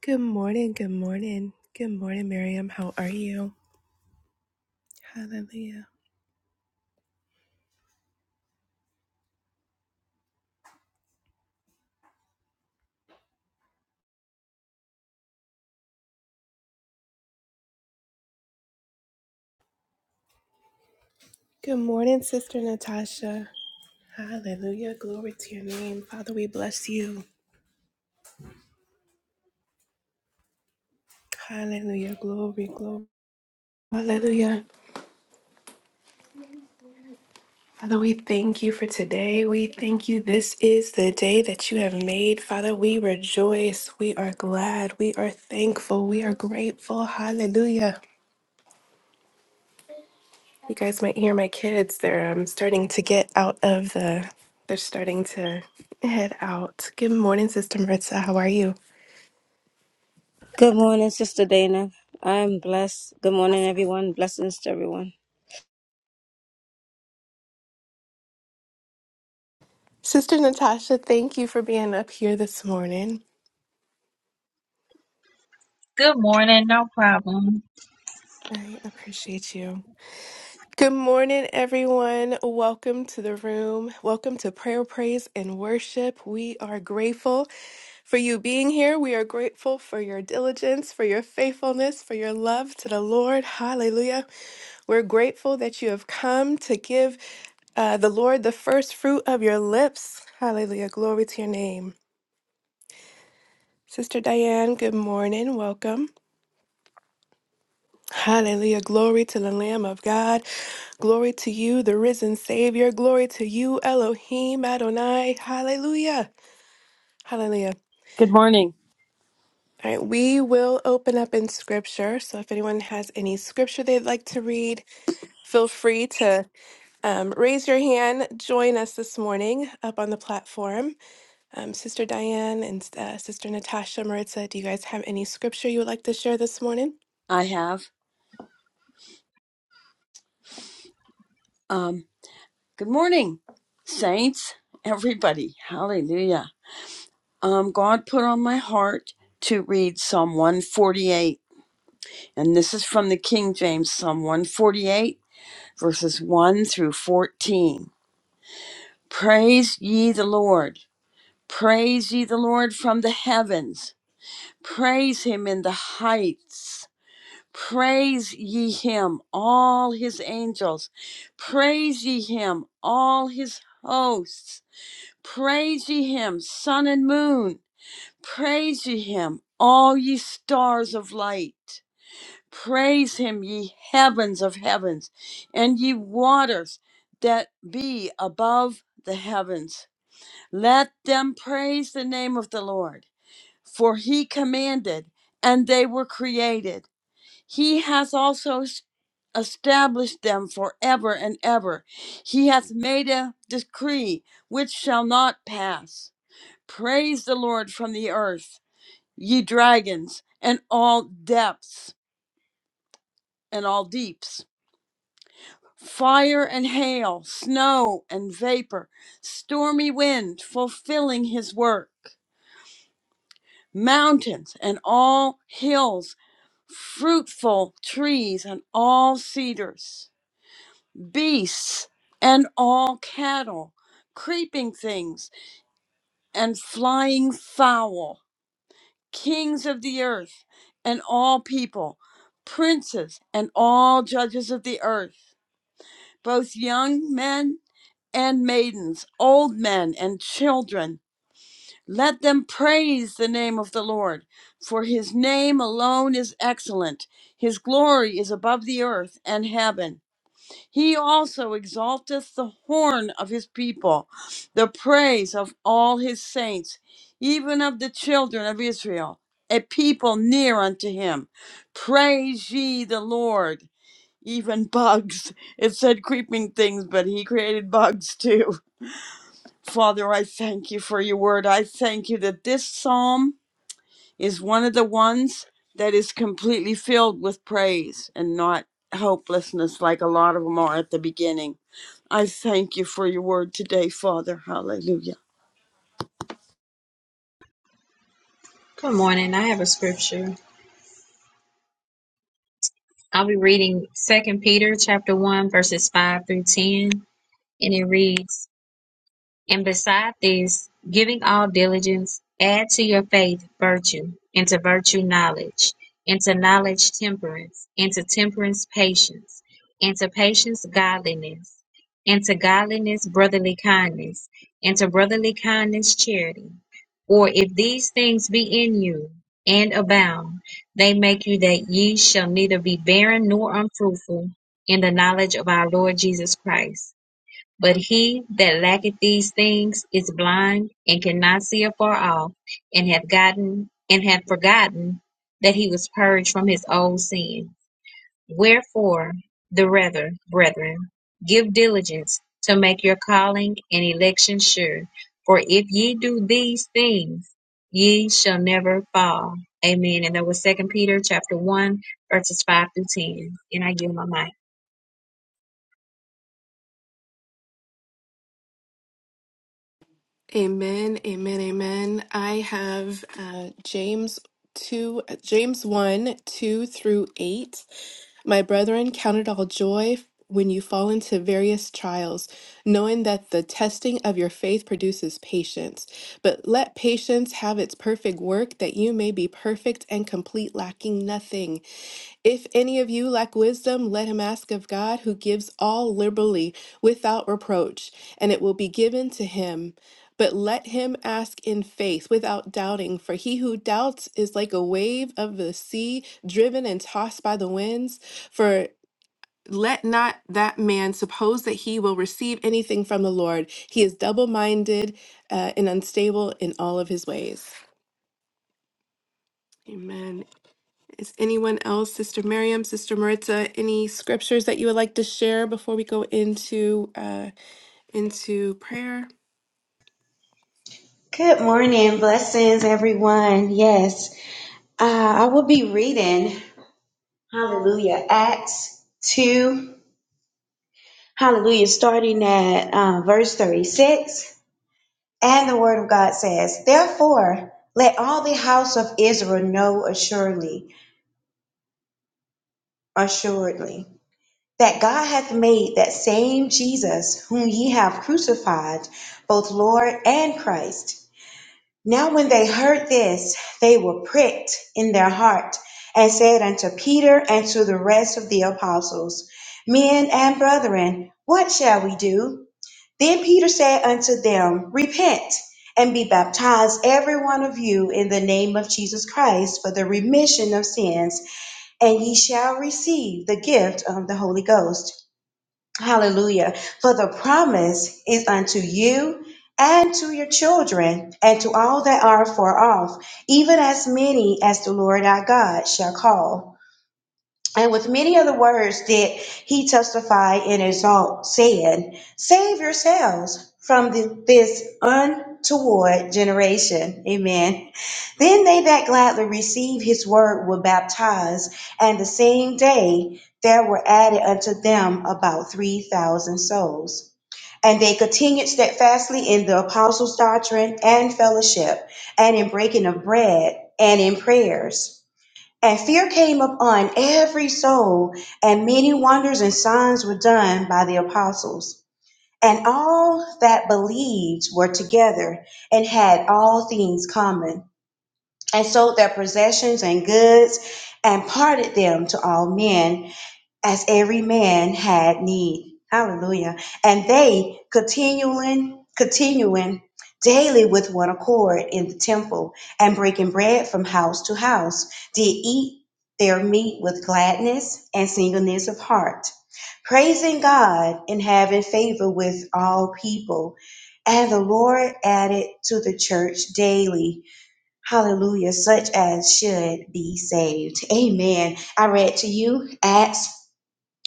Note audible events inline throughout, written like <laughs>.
Good morning, good morning. Good morning, Miriam. How are you? Hallelujah. Good morning, Sister Natasha. Hallelujah. Glory to your name. Father, we bless you. Hallelujah. Glory, glory. Hallelujah. Father, we thank you for today. We thank you. This is the day that you have made. Father, we rejoice. We are glad. We are thankful. We are grateful. Hallelujah. You guys might hear my kids. They're um, starting to get out of the. They're starting to head out. Good morning, Sister Maritza. How are you? Good morning, Sister Dana. I'm blessed. Good morning, everyone. Blessings to everyone. Sister Natasha, thank you for being up here this morning. Good morning, no problem. I appreciate you. Good morning, everyone. Welcome to the room. Welcome to prayer, praise, and worship. We are grateful for you being here. We are grateful for your diligence, for your faithfulness, for your love to the Lord. Hallelujah. We're grateful that you have come to give Uh, the Lord, the first fruit of your lips. Hallelujah. Glory to your name. Sister Diane, good morning. Welcome. Hallelujah. Glory to the Lamb of God. Glory to you, the risen Savior. Glory to you, Elohim Adonai. Hallelujah. Hallelujah. Good morning. All right, we will open up in scripture. So if anyone has any scripture they'd like to read, feel free to um, raise your hand, join us this morning up on the platform. Um, Sister Diane and uh, Sister Natasha Maritza, do you guys have any scripture you would like to share this morning? I have. Um, good morning, saints, everybody. Hallelujah. Um, God put on my heart to read Psalm 148, and this is from the King James, Psalm 148, verses 1 through 14. Praise ye the Lord. Praise ye the Lord from the heavens. Praise him in the heights. Praise ye him, all his angels. Praise ye him, all his hosts. Praise ye him, sun and moon. Praise ye him, all ye stars of light. Praise him, ye heavens of heavens, and ye waters that be above the heavens. Let them praise the name of the Lord, for he commanded, and they were created. He has also s- established them forever and ever. He hath made a decree which shall not pass. Praise the Lord from the earth, ye dragons, and all depths and all deeps. Fire and hail, snow and vapor, stormy wind fulfilling his work. Mountains and all hills, fruitful trees and all cedars beasts and all cattle, creeping things and flying fowl, kings of the earth and all people, princes and all judges of the earth, both young men and maidens, old men and children. Let them praise the name of the Lord, for his name alone is excellent. His glory is above the earth and heaven. He also exalteth the horn of his people, the praise of all his saints, even of the children of Israel, a people near unto him. Praise ye the Lord. Even <laughs> bugs. It said creeping things, but he created bugs too. <laughs> Father, I thank you for your word. I thank you that this psalm is one of the ones that is completely filled with praise and not hopelessness like a lot of them are at the beginning. I thank you for your word today, Father. Hallelujah. Good morning. I have a scripture. I'll be reading Second Peter chapter 1 verses 5 through 10, and it reads, And beside this, giving all diligence, add to your faith virtue, and to virtue knowledge, and to knowledge temperance, and to temperance patience, and to patience godliness, and to godliness brotherly kindness, and to brotherly kindness charity. For if these things be in you and abound, they make you that ye shall neither be barren nor unfruitful in the knowledge of our Lord Jesus Christ. But he that lacketh these things is blind, and cannot see afar off, and hath gotten and hath forgotten that he was purged from his old sin. Wherefore, the rather, brethren, give diligence to make your calling and election sure. For if ye do these things, ye shall never fall. Amen. And that was Second Peter chapter one, verses five through ten. And I give my mic. Amen, amen, amen. I have uh, James two, James one, two through eight. My brethren, count it all joy when you fall into various trials, knowing that the testing of your faith produces patience. But let patience have its perfect work, that you may be perfect and complete, lacking nothing. If any of you lack wisdom, let him ask of God, who gives all liberally without reproach, and it will be given to him. But let him ask in faith without doubting, for he who doubts is like a wave of the sea driven and tossed by the winds. For let not that man suppose that he will receive anything from the Lord. He is double minded uh, and unstable in all of his ways. Amen. Is anyone else, Sister Miriam, Sister Maritza, any scriptures that you would like to share before we go into uh, into prayer? Good morning. Blessings, everyone. Yes, uh, I will be reading Hallelujah, Acts 2. Hallelujah, starting at uh, verse 36. And the Word of God says, Therefore, let all the house of Israel know assuredly, assuredly, that God hath made that same Jesus whom ye have crucified, both Lord and Christ. Now, when they heard this, they were pricked in their heart and said unto Peter and to the rest of the apostles, Men and brethren, what shall we do? Then Peter said unto them, Repent and be baptized, every one of you, in the name of Jesus Christ for the remission of sins, and ye shall receive the gift of the Holy Ghost. Hallelujah. For the promise is unto you and to your children and to all that are far off, even as many as the Lord our God shall call. And with many other words did he testify and exalt, saying, Save yourselves from th- this untoward generation. Amen. Then they that gladly received his word were baptized, and the same day there were added unto them about 3,000 souls. And they continued steadfastly in the apostles' doctrine and fellowship, and in breaking of bread, and in prayers. And fear came upon every soul, and many wonders and signs were done by the apostles. And all that believed were together and had all things common, and sold their possessions and goods, and parted them to all men as every man had need. Hallelujah. And they continuing, continuing daily with one accord in the temple and breaking bread from house to house, did eat their meat with gladness and singleness of heart, praising God and having favor with all people. And the Lord added to the church daily, hallelujah, such as should be saved. Amen. I read to you Acts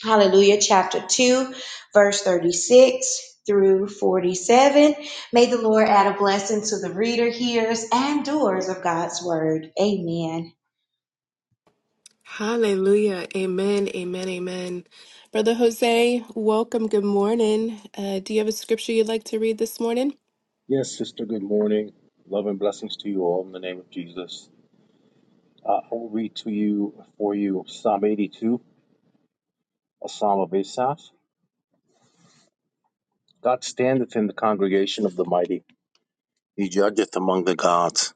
Hallelujah. Chapter 2, verse 36 through 47. May the Lord add a blessing to the reader, hearers, and doers of God's word. Amen. Hallelujah. Amen. Amen. Amen. Brother Jose, welcome. Good morning. Uh, do you have a scripture you'd like to read this morning? Yes, sister, good morning. Love and blessings to you all in the name of Jesus. Uh, I'll read to you for you Psalm 82, a psalm of Asaph. God standeth in the congregation of the mighty, he judgeth among the gods.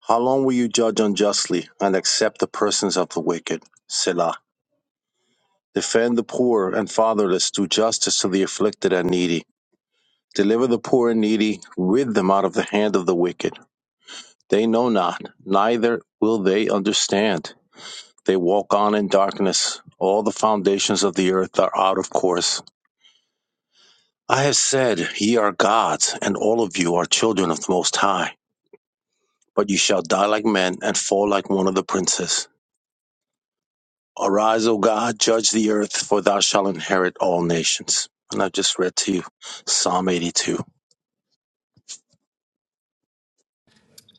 How long will you judge unjustly and accept the persons of the wicked? Selah. Defend the poor and fatherless, do justice to the afflicted and needy. Deliver the poor and needy, rid them out of the hand of the wicked. They know not, neither will they understand. They walk on in darkness. All the foundations of the earth are out of course. I have said, Ye are gods, and all of you are children of the Most High. But you shall die like men and fall like one of the princes. Arise, O God, judge the earth, for thou shalt inherit all nations. And I just read to you Psalm 82.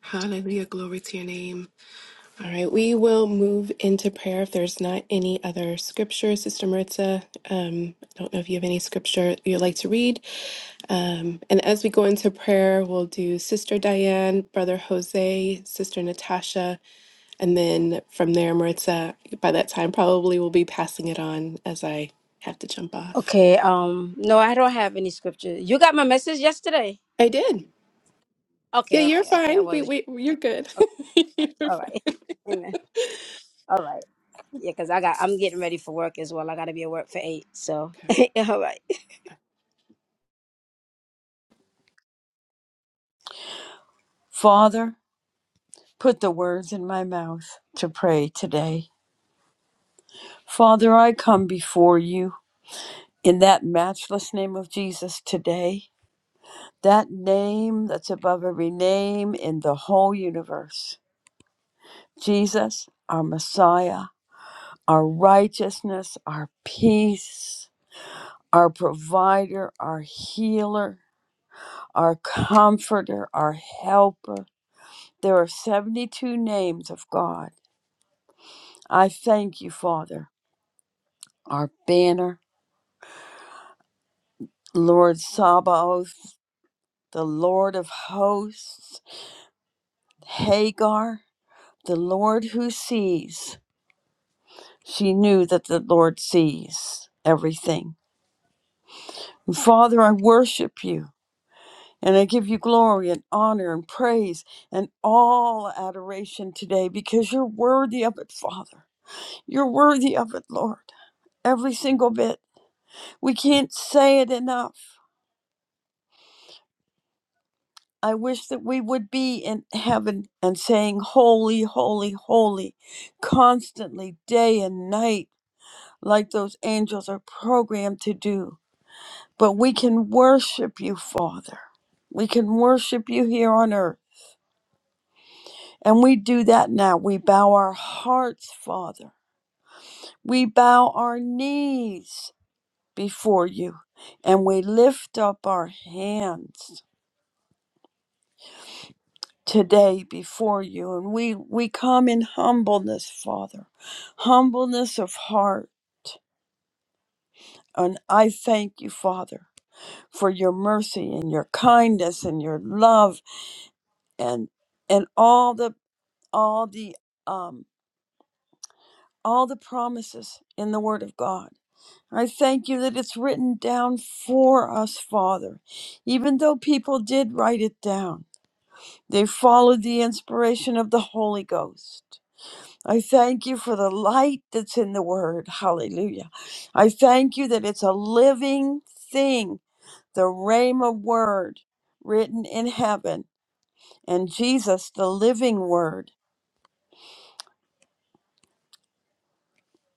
Hallelujah. Glory to your name. All right. We will move into prayer if there's not any other scripture. Sister Maritza, um, I don't know if you have any scripture you'd like to read. Um, and as we go into prayer, we'll do Sister Diane, Brother Jose, Sister Natasha. And then from there, Maritza, by that time, probably will be passing it on as I have to jump off. Okay, um, no, I don't have any scripture. You got my message yesterday? I did. Yeah, Okay, you're okay, okay. I fine. We, wasn't sure. we, you're good. <laughs> You're all right. fine. <laughs> Amen. All right. Yeah, because I got I'm getting ready for work as well. I gotta be at work for eight. So <laughs> <laughs> yeah, all right. Father, put the words in my mouth to pray today. Father, I come before you in that matchless name of Jesus today, that name that's above every name in the whole universe. Jesus, our Messiah, our righteousness, our peace, our provider, our healer, our comforter, our helper. There are 72 names of God. I thank you, Father, our banner, Lord Sabaoth, the Lord of hosts, Hagar, the Lord who sees. She knew that the Lord sees everything. And Father, I worship you. And I give you glory and honor and praise and all adoration today because you're worthy of it, Father. You're worthy of it, Lord. Every single bit. We can't say it enough. I wish that we would be in heaven and saying, Holy, holy, holy, constantly, day and night, like those angels are programmed to do. But we can worship you, Father. We can worship you here on earth. And we do that now. We bow our hearts, Father. We bow our knees before you and we lift up our hands. today before you and we we come in humbleness father humbleness of heart and i thank you father for your mercy and your kindness and your love and and all the all the um all the promises in the word of god i thank you that it's written down for us father even though people did write it down they followed the inspiration of the holy ghost I thank you for the light that's in the word. Hallelujah. I thank you that it's a living thing, the Rhema word written in heaven. And Jesus, the living word.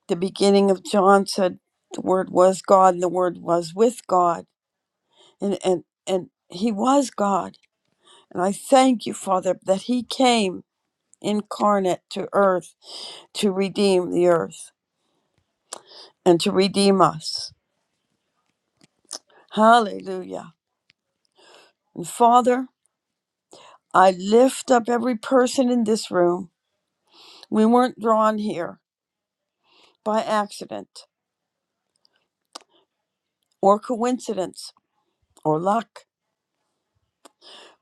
The beginning of John said the word was God and the word was with God. And and and he was God. And I thank you, Father, that he came incarnate to earth to redeem the earth and to redeem us. Hallelujah. And Father, I lift up every person in this room. We weren't drawn here by accident or coincidence or luck,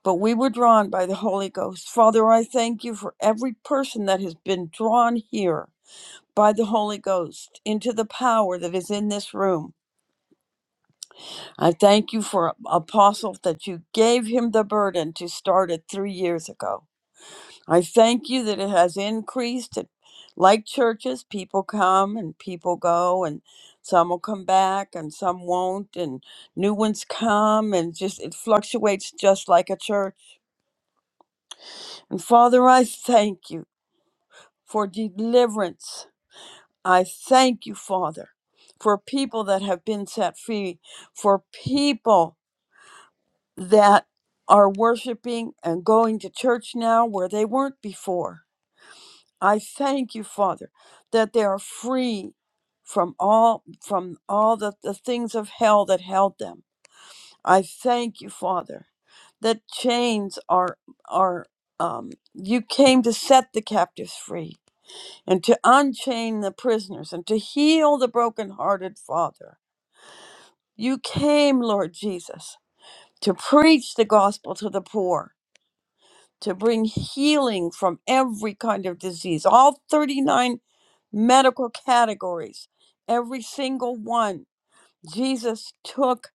but we were drawn by the Holy Ghost. Father, I thank you for every person that has been drawn here by the Holy Ghost into the power that is in this room. I thank you for Apostle that you gave him the burden to start it three years ago. I thank you that it has increased. It, like churches, people come and people go, and some will come back and some won't, and new ones come, and just it fluctuates just like a church. And Father, I thank you for deliverance. I thank you, Father, for people that have been set free, for people that are worshiping and going to church now where they weren't before I thank you, Father, that they are free from all from all the, the things of hell that held them. I thank you, Father, that chains are are um, you came to set the captives free and to unchain the prisoners and to heal the brokenhearted, Father. You came, Lord Jesus, to preach the gospel to the poor to bring healing from every kind of disease, all 39 medical categories, every single one. Jesus took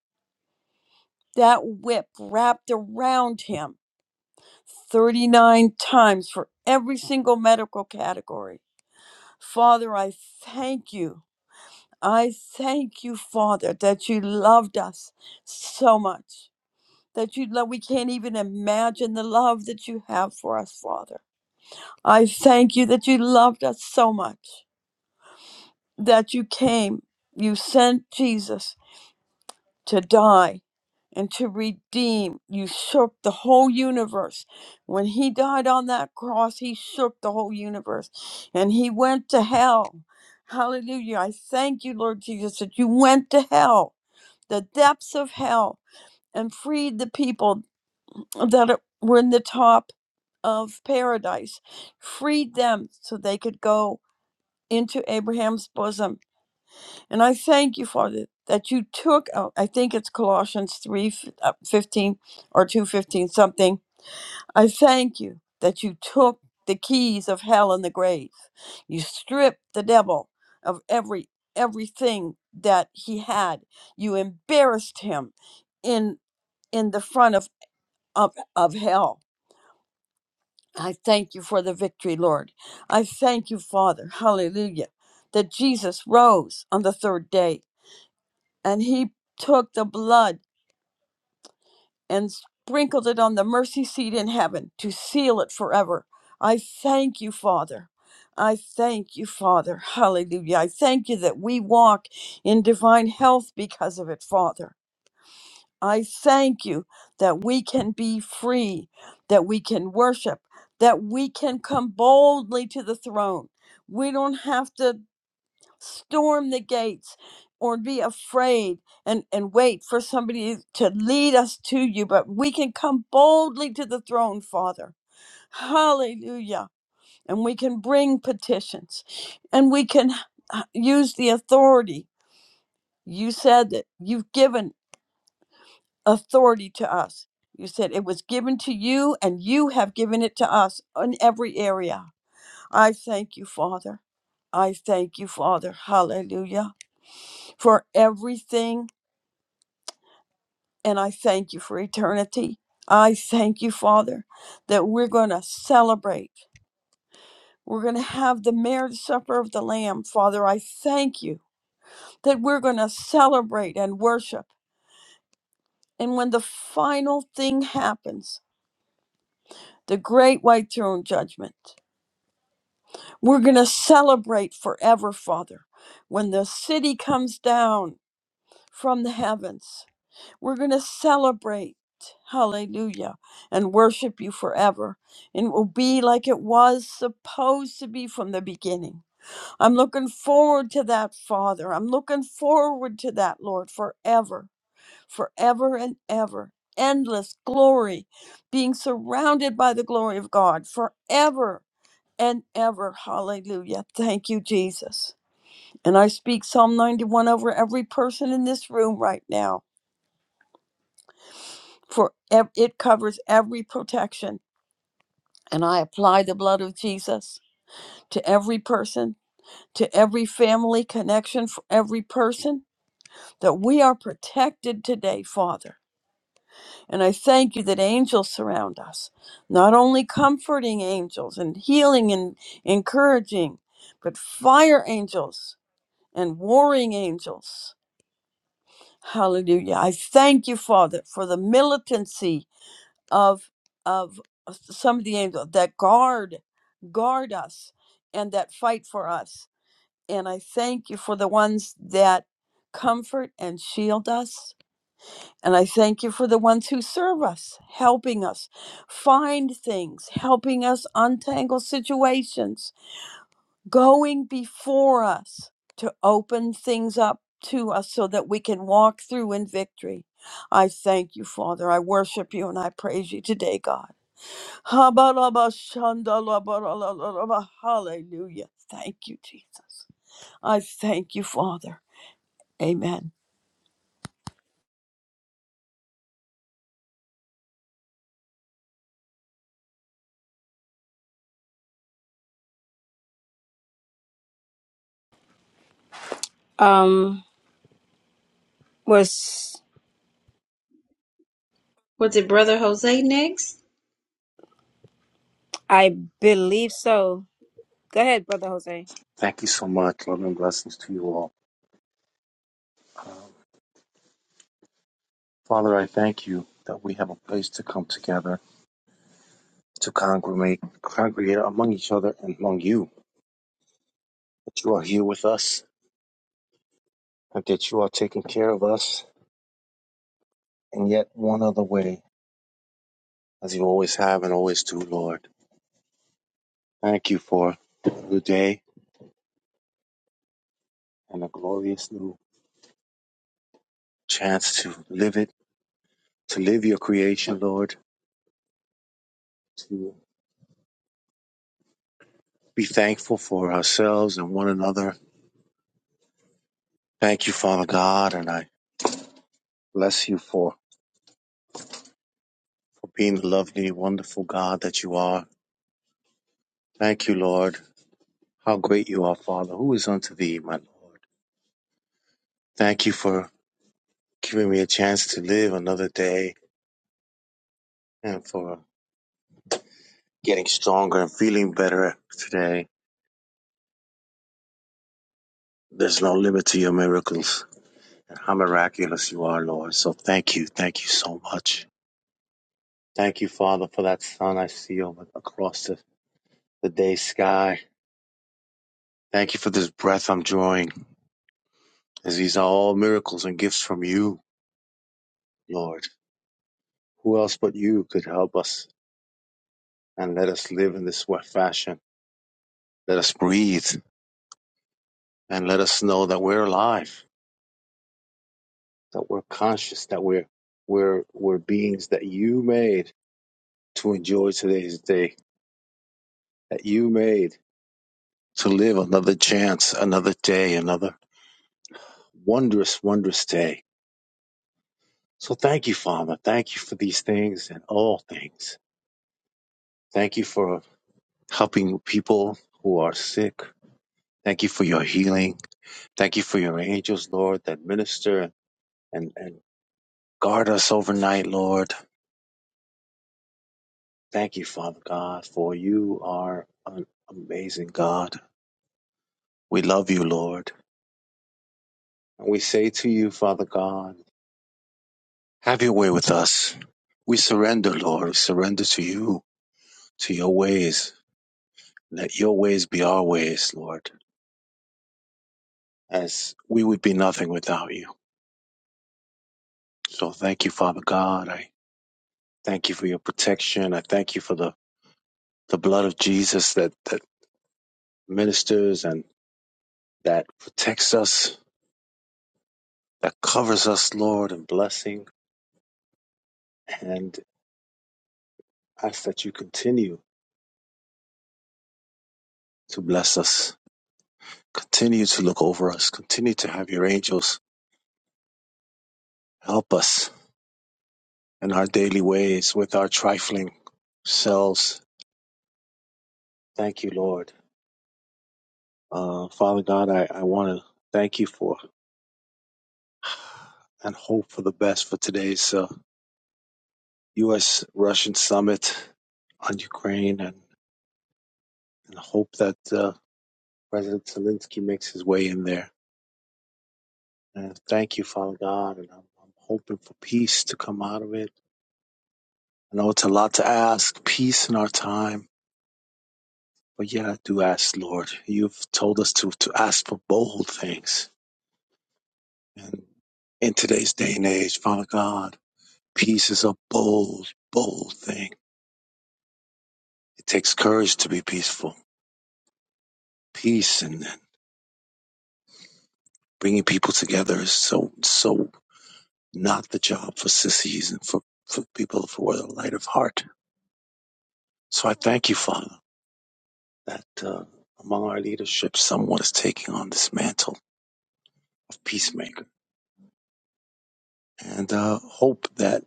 that whip wrapped around him 39 times for every single medical category. Father, I thank you. I thank you, Father, that you loved us so much. That you love, we can't even imagine the love that you have for us, Father. I thank you that you loved us so much, that you came, you sent Jesus to die and to redeem. You shook the whole universe. When he died on that cross, he shook the whole universe and he went to hell. Hallelujah. I thank you, Lord Jesus, that you went to hell, the depths of hell, and freed the people that were in the top of paradise, freed them so they could go into Abraham's bosom. And I thank you, Father, that you took, oh, I think it's Colossians 3 15 or 2.15 something. I thank you that you took the keys of hell and the grave. You stripped the devil of every everything that he had. You embarrassed him in in the front of, of, of hell. I thank you for the victory, Lord. I thank you, Father. Hallelujah. That Jesus rose on the third day and he took the blood and sprinkled it on the mercy seat in heaven to seal it forever. I thank you, Father. I thank you, Father. Hallelujah. I thank you that we walk in divine health because of it, Father. I thank you that we can be free, that we can worship, that we can come boldly to the throne. We don't have to storm the gates or be afraid and, and wait for somebody to lead us to you, but we can come boldly to the throne, Father. Hallelujah. And we can bring petitions and we can uh, use the authority. You said that you've given authority to us. You said it was given to you and you have given it to us in every area. I thank you, Father. I thank you, Father. Hallelujah for everything And I thank you for eternity. I thank you, Father, that we're going to celebrate. We're going to have the marriage supper of the Lamb. Father, I thank you that we're going to celebrate and worship. And when the final thing happens, the great white throne judgment, we're going to celebrate forever, Father, when the city comes down from the heavens We're going to celebrate, hallelujah, and worship you forever. And it will be like it was supposed to be from the beginning. I'm looking forward to that, Father. I'm looking forward to that, Lord, forever, forever and ever. Endless glory, being surrounded by the glory of God forever and ever. Hallelujah. Thank you, Jesus. And I speak Psalm 91 over every person in this room right now. for ev- it covers every protection. And I apply the blood of Jesus to every person, to every family connection, for every person that we are protected today, Father. And I thank you that angels surround us, not only comforting angels and healing and encouraging, but fire angels and warring angels. Hallelujah. I thank you, Father, for the militancy of of some of the angels that guard guard us and that fight for us and i thank you for the ones that comfort and shield us and i thank you for the ones who serve us helping us find things helping us untangle situations going before us to open things up to us so that we can walk through in victory i thank you father i worship you and i praise you today god Habalabashandalabalalabalaba. Hallelujah. Thank you, Jesus. I thank you, Father. Amen. Um was Was it Brother Jose next? I believe so. Go ahead, Brother Jose. Thank you so much. Love and blessings to you all. Um, Father, I thank you that we have a place to come together, to congregate, congregate among each other and among you, that you are here with us and that you are taking care of us in yet one other way, as you always have and always do, Lord. Thank you for a new day and a glorious new chance to live it, to live your creation, Lord, to be thankful for ourselves and one another. Thank you, Father God, and I bless you for, for being the lovely, wonderful God that you are. Thank you, Lord. How great you are, Father. Who is unto thee, my Lord? Thank you for giving me a chance to live another day and for getting stronger and feeling better today. There's no limit to your miracles and how miraculous you are, Lord. So thank you. Thank you so much. Thank you, Father, for that sun I see over across the, the day sky. Thank you for this breath I'm drawing, as these are all miracles and gifts from you, Lord. Who else but you could help us and let us live in this fashion? Let us breathe and let us know that we're alive, that we're conscious, that we're we're we're beings that you made to enjoy today's day that you made to live another chance, another day, another wondrous, wondrous day. So thank you, Father. Thank you for these things and all things. Thank you for helping people who are sick. Thank you for your healing. Thank you for your angels, Lord, that minister and, and guard us overnight, Lord. Thank you, Father God, for you are an amazing God. We love you, Lord. And we say to you, Father God, Have your way with us. We surrender, Lord. We surrender to you, to your ways. Let your ways be our ways, Lord, as we would be nothing without you. So thank you, Father God. I thank you for your protection. I thank you for the, the blood of Jesus that, that ministers and that protects us, that covers us, Lord, in blessing. And ask that you continue to bless us, continue to look over us, continue to have your angels help us in our daily ways with our trifling selves. Thank you, Lord. Uh, Father God, I, I want to thank you for and hope for the best for today's uh, U.S. Russian summit on Ukraine and, and hope that uh, President Zelensky makes his way in there. And thank you, Father God. And I'm, I'm hoping for peace to come out of it. I know it's a lot to ask, peace in our time. But yeah, I do ask, Lord. You've told us to, to ask for bold things And in today's day and age, Father God, peace is a bold, bold thing. It takes courage to be peaceful. Peace and bringing people together is so, so not the job for sissies and for, for people who are light of heart. So I thank you, Father, that uh, among our leadership, someone is taking on this mantle of peacemaker and uh, hope that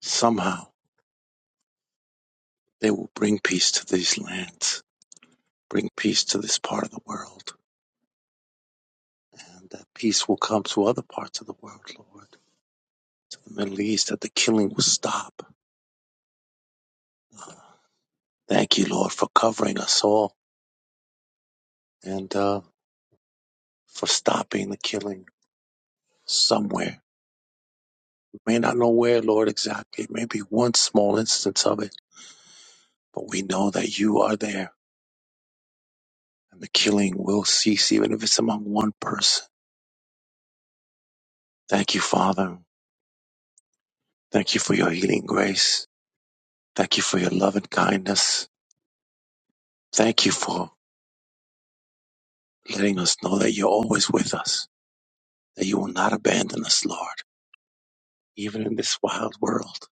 somehow they will bring peace to these lands, bring peace to this part of the world And that peace will come to other parts of the world, Lord. The Middle East, that the killing will stop. Uh, thank you, Lord, for covering us all and uh, for stopping the killing somewhere. We may not know where, Lord, exactly. Maybe one small instance of it, but we know that you are there and the killing will cease, even if it's among one person. Thank you, Father. Thank you for your healing grace. Thank you for your love and kindness. Thank you for letting us know that you're always with us that you will not abandon us, Lord, even in this wild world,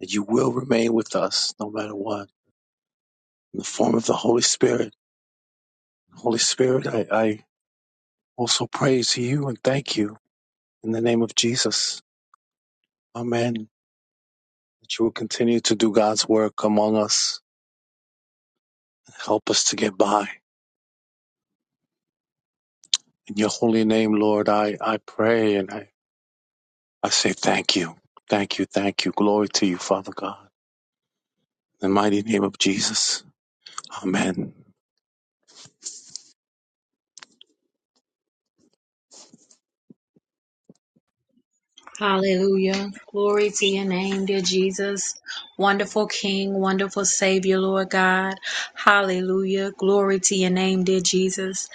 that you will remain with us no matter what, in the form of the Holy Spirit. Holy Spirit, I, I also praise you and thank you in the name of Jesus. Amen. That you will continue to do God's work among us and help us to get by. In your holy name, Lord, I, I pray and I, I say thank you. Thank you, thank you. Glory to you, Father God. In the mighty name of Jesus. Amen. Hallelujah. Glory to your name, dear Jesus. Wonderful King, wonderful Savior, Lord God. Hallelujah. Glory to your name, dear Jesus.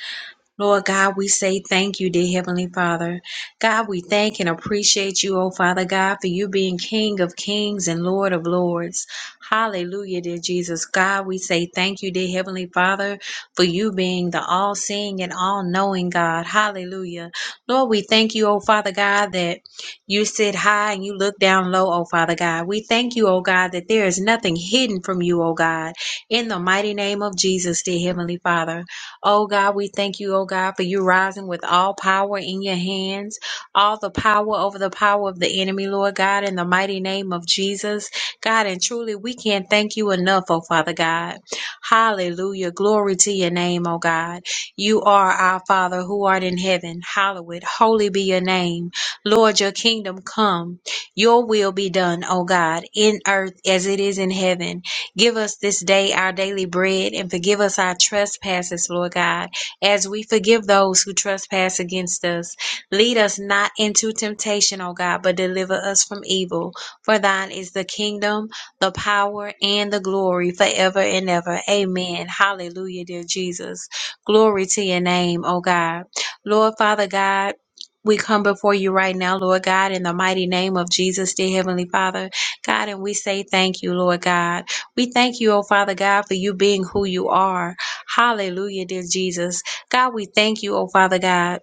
Lord God, we say thank you, dear Heavenly Father. God, we thank and appreciate you, oh Father God, for you being King of kings and Lord of lords. Hallelujah, dear Jesus. God, we say thank you, dear Heavenly Father, for you being the all seeing and all knowing God. Hallelujah. Lord, we thank you, oh Father God, that you sit high and you look down low, oh Father God. We thank you, oh God, that there is nothing hidden from you, oh God. In the mighty name of Jesus, dear Heavenly Father. Oh God, we thank you, oh God, for you rising with all power in your hands, all the power over the power of the enemy, Lord God, in the mighty name of Jesus. God, and truly we can't thank you enough, oh Father God. Hallelujah. Glory to your name, oh God. You are our Father who art in heaven. Hallowed, holy be your name. Lord, your kingdom come. Your will be done, O God, in earth as it is in heaven. Give us this day our daily bread and forgive us our trespasses, Lord God, as we forgive those who trespass against us. Lead us not into temptation, O God, but deliver us from evil. For thine is the kingdom, the power, and the glory forever and ever. Amen. Hallelujah, dear Jesus. Glory to your name, O God. Lord Father God, we come before you right now, Lord God, in the mighty name of Jesus, dear Heavenly Father. God, and we say thank you, Lord God. We thank you, oh Father God, for you being who you are. Hallelujah, dear Jesus. God, we thank you, oh Father God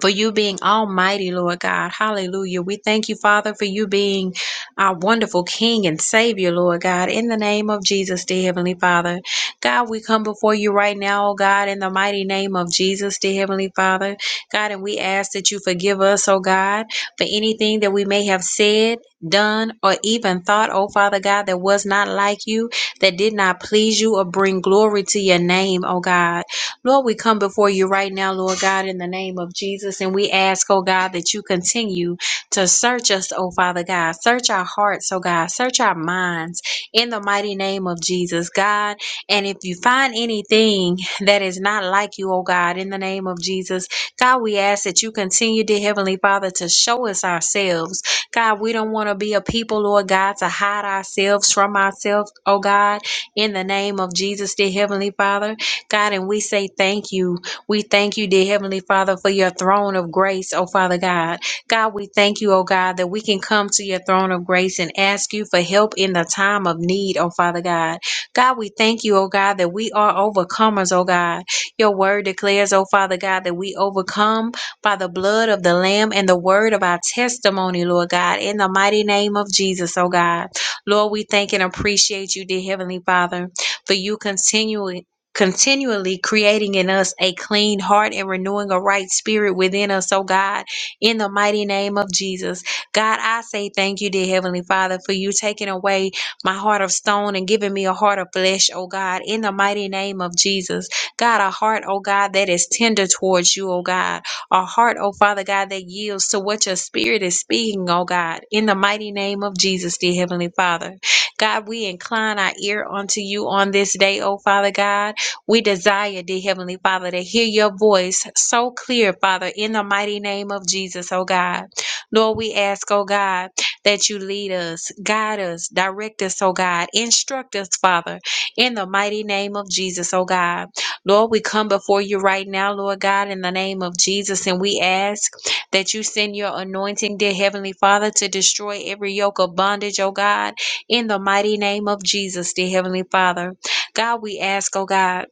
for you being almighty, Lord God. Hallelujah. We thank you, Father, for you being our wonderful King and Savior, Lord God, in the name of Jesus, dear Heavenly Father. God, we come before you right now, oh God, in the mighty name of Jesus, dear Heavenly Father. God, and we ask that you forgive us, oh God, for anything that we may have said. Done or even thought, oh Father God, that was not like you, that did not please you or bring glory to your name, oh God. Lord, we come before you right now, Lord God, in the name of Jesus. And we ask, oh God, that you continue to search us, oh Father God. Search our hearts, oh God. Search our minds in the mighty name of Jesus, God. And if you find anything that is not like you, oh God, in the name of Jesus, God, we ask that you continue, dear Heavenly Father, to show us ourselves. God, we don't want to be a people, Lord God, to hide ourselves from ourselves, oh God, in the name of Jesus, dear Heavenly Father. God, and we say thank you. We thank you, dear Heavenly Father, for your throne of grace, oh Father God. God, we thank you, oh God, that we can come to your throne of grace and ask you for help in the time of need, oh Father God. God, we thank you, oh God, that we are overcomers, oh God. Your word declares, oh Father God, that we overcome by the blood of the Lamb and the word of our testimony, Lord God, in the mighty name of Jesus, oh God. Lord, we thank and appreciate you, dear Heavenly Father, for you continuing continually creating in us a clean heart and renewing a right spirit within us, oh God, in the mighty name of Jesus. God, I say thank you, dear Heavenly Father, for you taking away my heart of stone and giving me a heart of flesh, oh God, in the mighty name of Jesus. God, a heart, oh God, that is tender towards you, oh God. A heart, oh Father God, that yields to what your spirit is speaking, oh God, in the mighty name of Jesus, dear Heavenly Father. God, we incline our ear unto you on this day, oh Father God. We desire, dear Heavenly Father, to hear your voice so clear, Father, in the mighty name of Jesus, oh God. Lord, we ask, oh God, that you lead us, guide us, direct us, oh God, instruct us, Father, in the mighty name of Jesus, oh God. Lord, we come before you right now, Lord God, in the name of Jesus, and we ask that you send your anointing, dear Heavenly Father, to destroy every yoke of bondage, oh God, in the mighty name of Jesus, dear Heavenly Father. God, we ask, oh God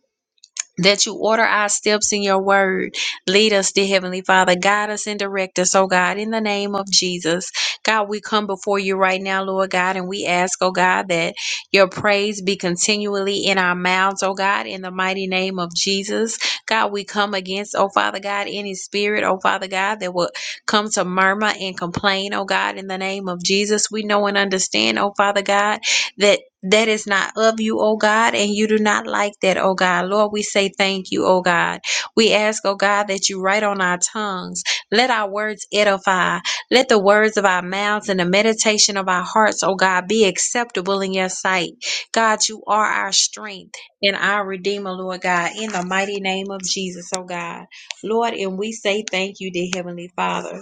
that you order our steps in your word. Lead us, dear Heavenly Father. Guide us and direct us, oh God, in the name of Jesus. God, we come before you right now, Lord God, and we ask, oh God, that your praise be continually in our mouths, oh God, in the mighty name of Jesus. God, we come against, oh Father God, any spirit, oh Father God, that will come to murmur and complain, oh God, in the name of Jesus. We know and understand, oh Father God, that that is not of you, O God, and you do not like that, O God. Lord, we say thank you, O God. We ask, O God, that you write on our tongues. Let our words edify. Let the words of our mouths and the meditation of our hearts, O God, be acceptable in your sight. God, you are our strength and our Redeemer, Lord God, in the mighty name of Jesus, O God. Lord, and we say thank you, dear Heavenly Father.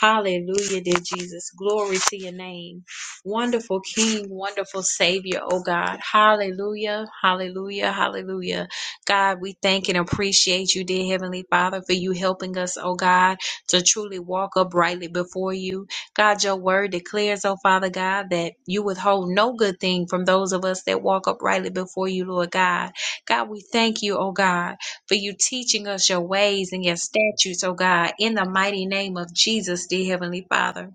Hallelujah, dear Jesus. Glory to your name. Wonderful King, wonderful Savior, oh God. Hallelujah, hallelujah, hallelujah. God, we thank and appreciate you, dear Heavenly Father, for you helping us, oh God, to truly walk uprightly before you. God, your word declares, oh Father God, that you withhold no good thing from those of us that walk uprightly before you, Lord God. God, we thank you, oh God, for you teaching us your ways and your statutes, oh God, in the mighty name of Jesus, dear Heavenly Father.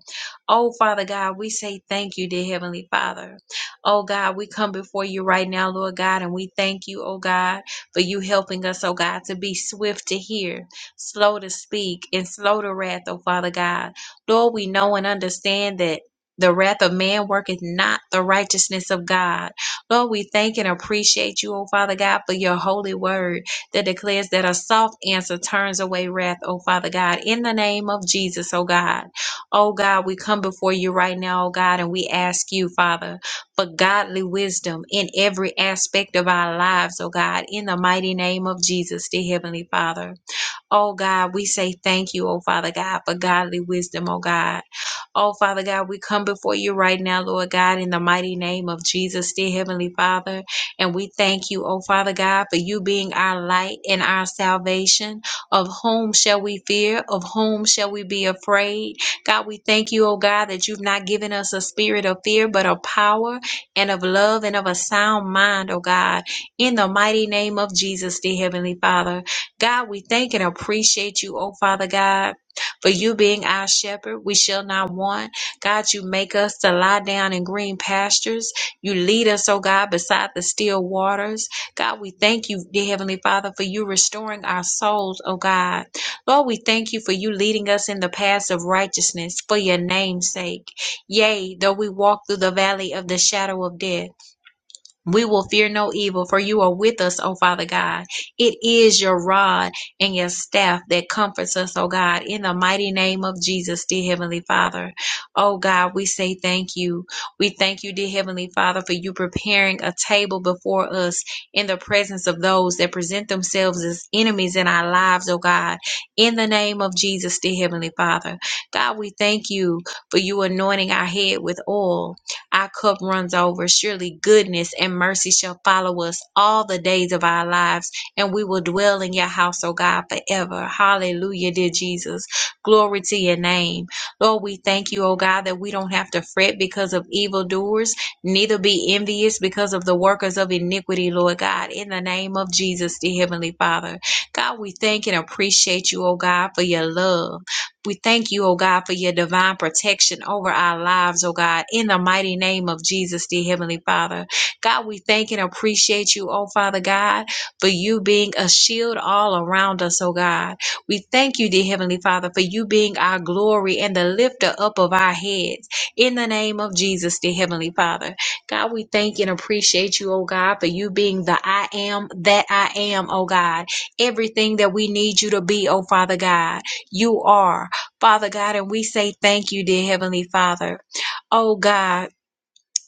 Oh, Father God, we say thank you, dear Heavenly Father. Oh, God, we come before you right now, Lord God, and we thank you, oh God, for you helping us, oh God, to be swift to hear, slow to speak, and slow to wrath, oh Father God. Lord, we know and understand that. The wrath of man worketh not the righteousness of God. Lord, we thank and appreciate you, O Father God, for your holy word that declares that a soft answer turns away wrath, O Father God, in the name of Jesus, O God. Oh God, we come before you right now, oh God, and we ask you, Father, for godly wisdom in every aspect of our lives, oh God, in the mighty name of Jesus, the Heavenly Father. Oh God, we say thank you, oh Father God, for godly wisdom, oh God. Oh Father God, we come before you right now, Lord God, in the mighty name of Jesus, dear Heavenly Father. And we thank you, oh Father God, for you being our light and our salvation. Of whom shall we fear? Of whom shall we be afraid? God, we thank you, oh God, that you've not given us a spirit of fear, but of power and of love and of a sound mind, oh God. In the mighty name of Jesus, dear Heavenly Father. God, we thank and appreciate you, oh Father God, for you being our shepherd. We shall not want. God, you make us to lie down in green pastures. You lead us, oh God, beside the still waters. God, we thank you, dear Heavenly Father, for you restoring our souls, oh God. Lord, we thank you for you leading us in the paths of righteousness for your name's sake. Yea, though we walk through the valley of the shadow of death. We will fear no evil, for you are with us, O Father God. It is your rod and your staff that comforts us, O God, in the mighty name of Jesus, dear Heavenly Father. O God, we say thank you. We thank you, dear Heavenly Father, for you preparing a table before us in the presence of those that present themselves as enemies in our lives, O God, in the name of Jesus, dear Heavenly Father. God, we thank you for you anointing our head with oil our cup runs over. Surely goodness and mercy shall follow us all the days of our lives, and we will dwell in your house, O God, forever. Hallelujah, dear Jesus. Glory to your name. Lord, we thank you, O God, that we don't have to fret because of evildoers, neither be envious because of the workers of iniquity, Lord God, in the name of Jesus, the Heavenly Father. God, we thank and appreciate you, O God, for your love. We thank you, O God, for your divine protection over our lives, O God, in the mighty name of Jesus, dear Heavenly Father. God, we thank and appreciate you, O Father God, for you being a shield all around us, O God. We thank you, dear Heavenly Father, for you being our glory and the lifter up of our heads. In the name of Jesus, dear Heavenly Father. God, we thank and appreciate you, O God, for you being the I am that I am, O God. Everything that we need you to be, O Father God, you are. Father God, and we say thank you, dear Heavenly Father. Oh God.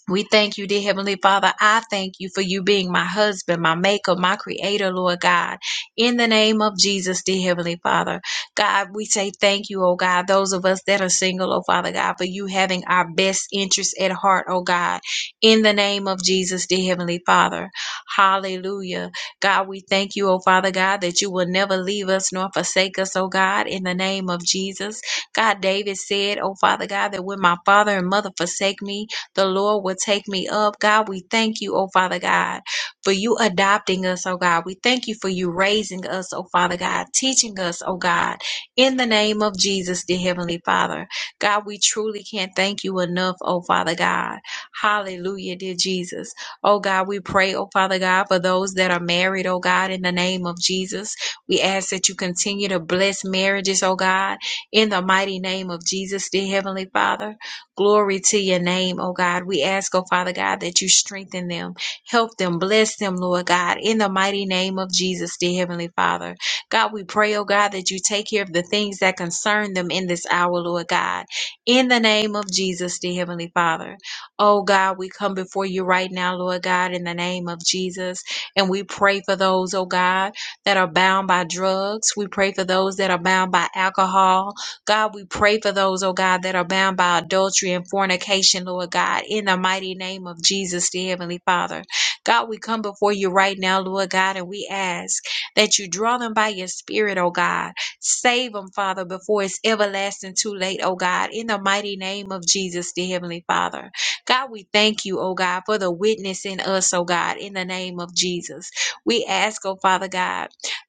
We thank you, dear Heavenly Father. I thank you for you being my husband, my maker, my creator, Lord God. In the name of Jesus, dear Heavenly Father. God, we say thank you, oh God, those of us that are single, oh Father God, for you having our best interests at heart, oh God. In the name of Jesus, dear Heavenly Father. Hallelujah. God, we thank you, oh Father God, that you will never leave us nor forsake us, oh God, in the name of Jesus. God, David said, oh Father God, that when my father and mother forsake me, the Lord will take me up. God, we thank you, oh Father God, for you adopting us, oh God. We thank you for you raising us, oh Father God, teaching us, oh God, in the name of Jesus, dear Heavenly Father. God, we truly can't thank you enough, oh Father God. Hallelujah, dear Jesus. Oh God, we pray, oh Father God, for those that are married, oh God, in the name of Jesus. We ask that you continue to bless marriages, oh God, in the mighty name of Jesus, dear Heavenly Father. Glory to your name, oh God. We ask, oh Father God, that you strengthen them, help them, bless them, Lord God, in the mighty name of Jesus, dear Heavenly Father. God, we pray, oh God, that you take care of the things that concern them in this hour, Lord God, in the name of Jesus, dear Heavenly Father. Oh God, we come before you right now, Lord God, in the name of Jesus, and we pray for those, oh God, that are bound by drugs. We pray for those that are bound by alcohol. God, we pray for those, oh God, that are bound by adultery and fornication, Lord God, in the mighty name of Jesus, the Heavenly Father. God, we come before you right now, Lord God, and we ask that you draw them by your spirit, oh God. Save them, Father, before it's everlasting too late, oh God, in the mighty name of Jesus, the Heavenly Father. God, we thank you, oh God, for the witness in us, oh God, in the name of Jesus. We ask, oh Father God.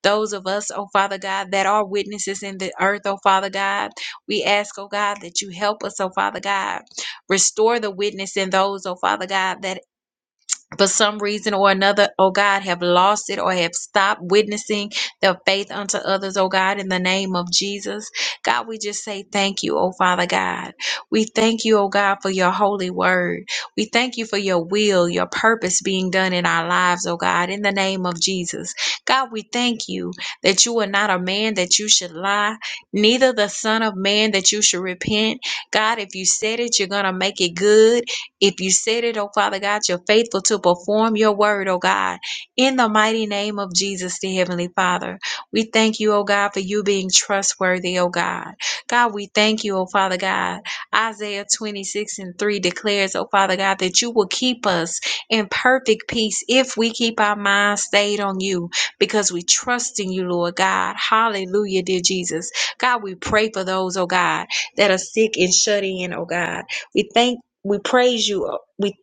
Those of us, oh Father God, that are witnesses in the earth, oh Father God, we ask, oh God, that you help us, oh Father God. Restore the witness in those, oh Father God, that for some reason or another, oh God, have lost it or have stopped witnessing their faith unto others, oh God, in the name of Jesus. God, we just say thank you, oh Father God. We thank you, oh God, for your holy word. We thank you for your will, your purpose being done in our lives, oh God, in the name of Jesus. God, we thank you that you are not a man that you should lie, neither the son of man that you should repent. God, if you said it, you're going to make it good. If you said it, oh Father God, you're faithful to perform your word, oh God, in the mighty name of Jesus, the Heavenly Father. We thank you, oh God, for you being trustworthy, oh God. God, we thank you, oh Father God. Isaiah 26 and 3 declares, oh Father God, that you will keep us in perfect peace if we keep our minds stayed on you because we trust in you, Lord God. Hallelujah, dear Jesus. God, we pray for those, oh God, that are sick and shut in, oh God. We thank we praise you. uh, We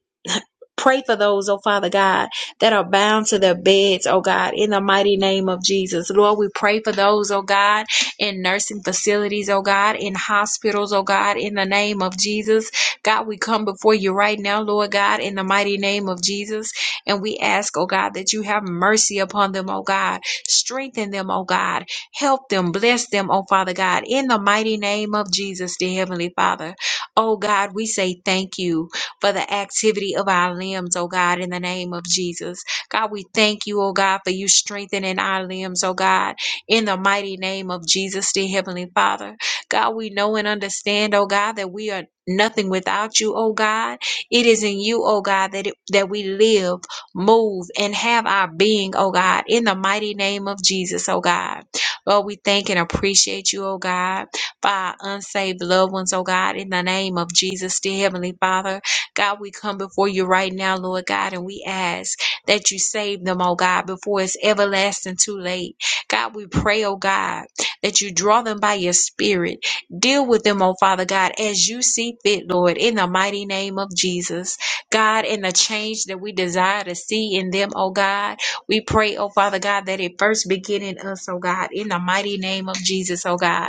pray for those, oh Father God, that are bound to their beds, oh God, in the mighty name of Jesus. Lord, we pray for those, oh God, in nursing facilities, oh God, in hospitals, oh God, in the name of Jesus. God, we come before you right now, Lord God, in the mighty name of Jesus. And we ask, oh God, that you have mercy upon them, oh God. Strengthen them, oh God. Help them, bless them, oh Father God, in the mighty name of Jesus, dear Heavenly Father. Oh God, we say thank you for the activity of our limbs, oh God, in the name of Jesus. God, we thank you, oh God, for you strengthening our limbs, oh God, in the mighty name of Jesus, the Heavenly Father. God, we know and understand, oh God, that we are nothing without you, oh God. It is in you, oh God, that it, that we live, move, and have our being, oh God, in the mighty name of Jesus, oh God. Lord, we thank and appreciate you, oh God for our unsaved loved ones, oh God, in the name of Jesus, dear Heavenly Father. God, we come before you right now, Lord God, and we ask that you save them, oh God, before it's everlasting too late. God, we pray, oh God, that you draw them by your spirit. Deal with them, oh Father God, as you see fit, Lord, in the mighty name of Jesus. God, in the change that we desire to see in them, oh God, we pray, oh Father God, that it first begin in us, oh God, in the mighty name of Jesus, oh God.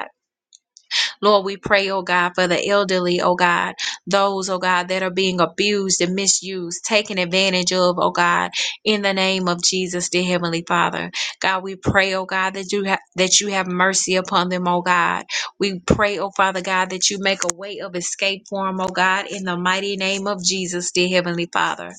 Lord, we pray, oh God, for the elderly, oh God, those, oh God, that are being abused and misused, taken advantage of, oh God, in the name of Jesus, dear Heavenly Father. God, we pray, oh God, that you have that you have mercy upon them, oh God. We pray, oh Father God, that you make a way of escape for them, oh God, in the mighty name of Jesus, dear Heavenly Father.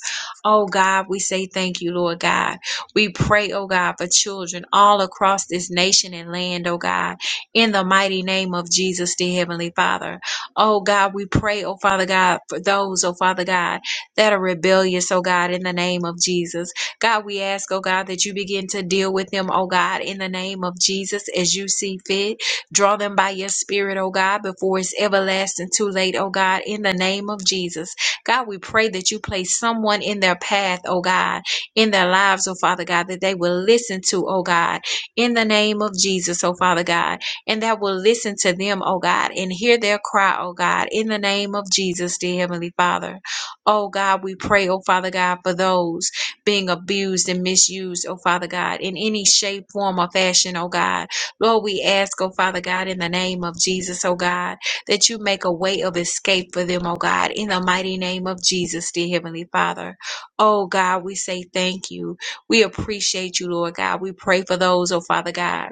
Oh God, we say thank you, Lord God. We pray, oh God, for children all across this nation and land, oh God in the mighty name of Jesus, dear Heavenly Father. Oh God, we pray, oh Father God, for those, oh Father God, that are rebellious, oh God, in the name of Jesus. God, we ask, oh God, that you begin to deal with them, oh God, in the name of Jesus as you see fit. Draw them by your spirit, oh God, before it's everlasting too late, oh God, in the name of Jesus. God, we pray that you place someone in their path, oh God, in their lives, oh Father God, that they will listen to, oh God, in the name of Jesus, oh Father God and that will listen to them, oh God, and hear their cry, oh God, in the name of Jesus, dear Heavenly Father. Oh God, we pray, oh Father God, for those being abused and misused, oh Father God, in any shape, form, or fashion, oh God. Lord, we ask, oh Father God, in the name of Jesus, oh God, that you make a way of escape for them, oh God, in the mighty name of Jesus, dear Heavenly Father. Oh God, we say thank you. We appreciate you, Lord God. We pray for those, oh Father God,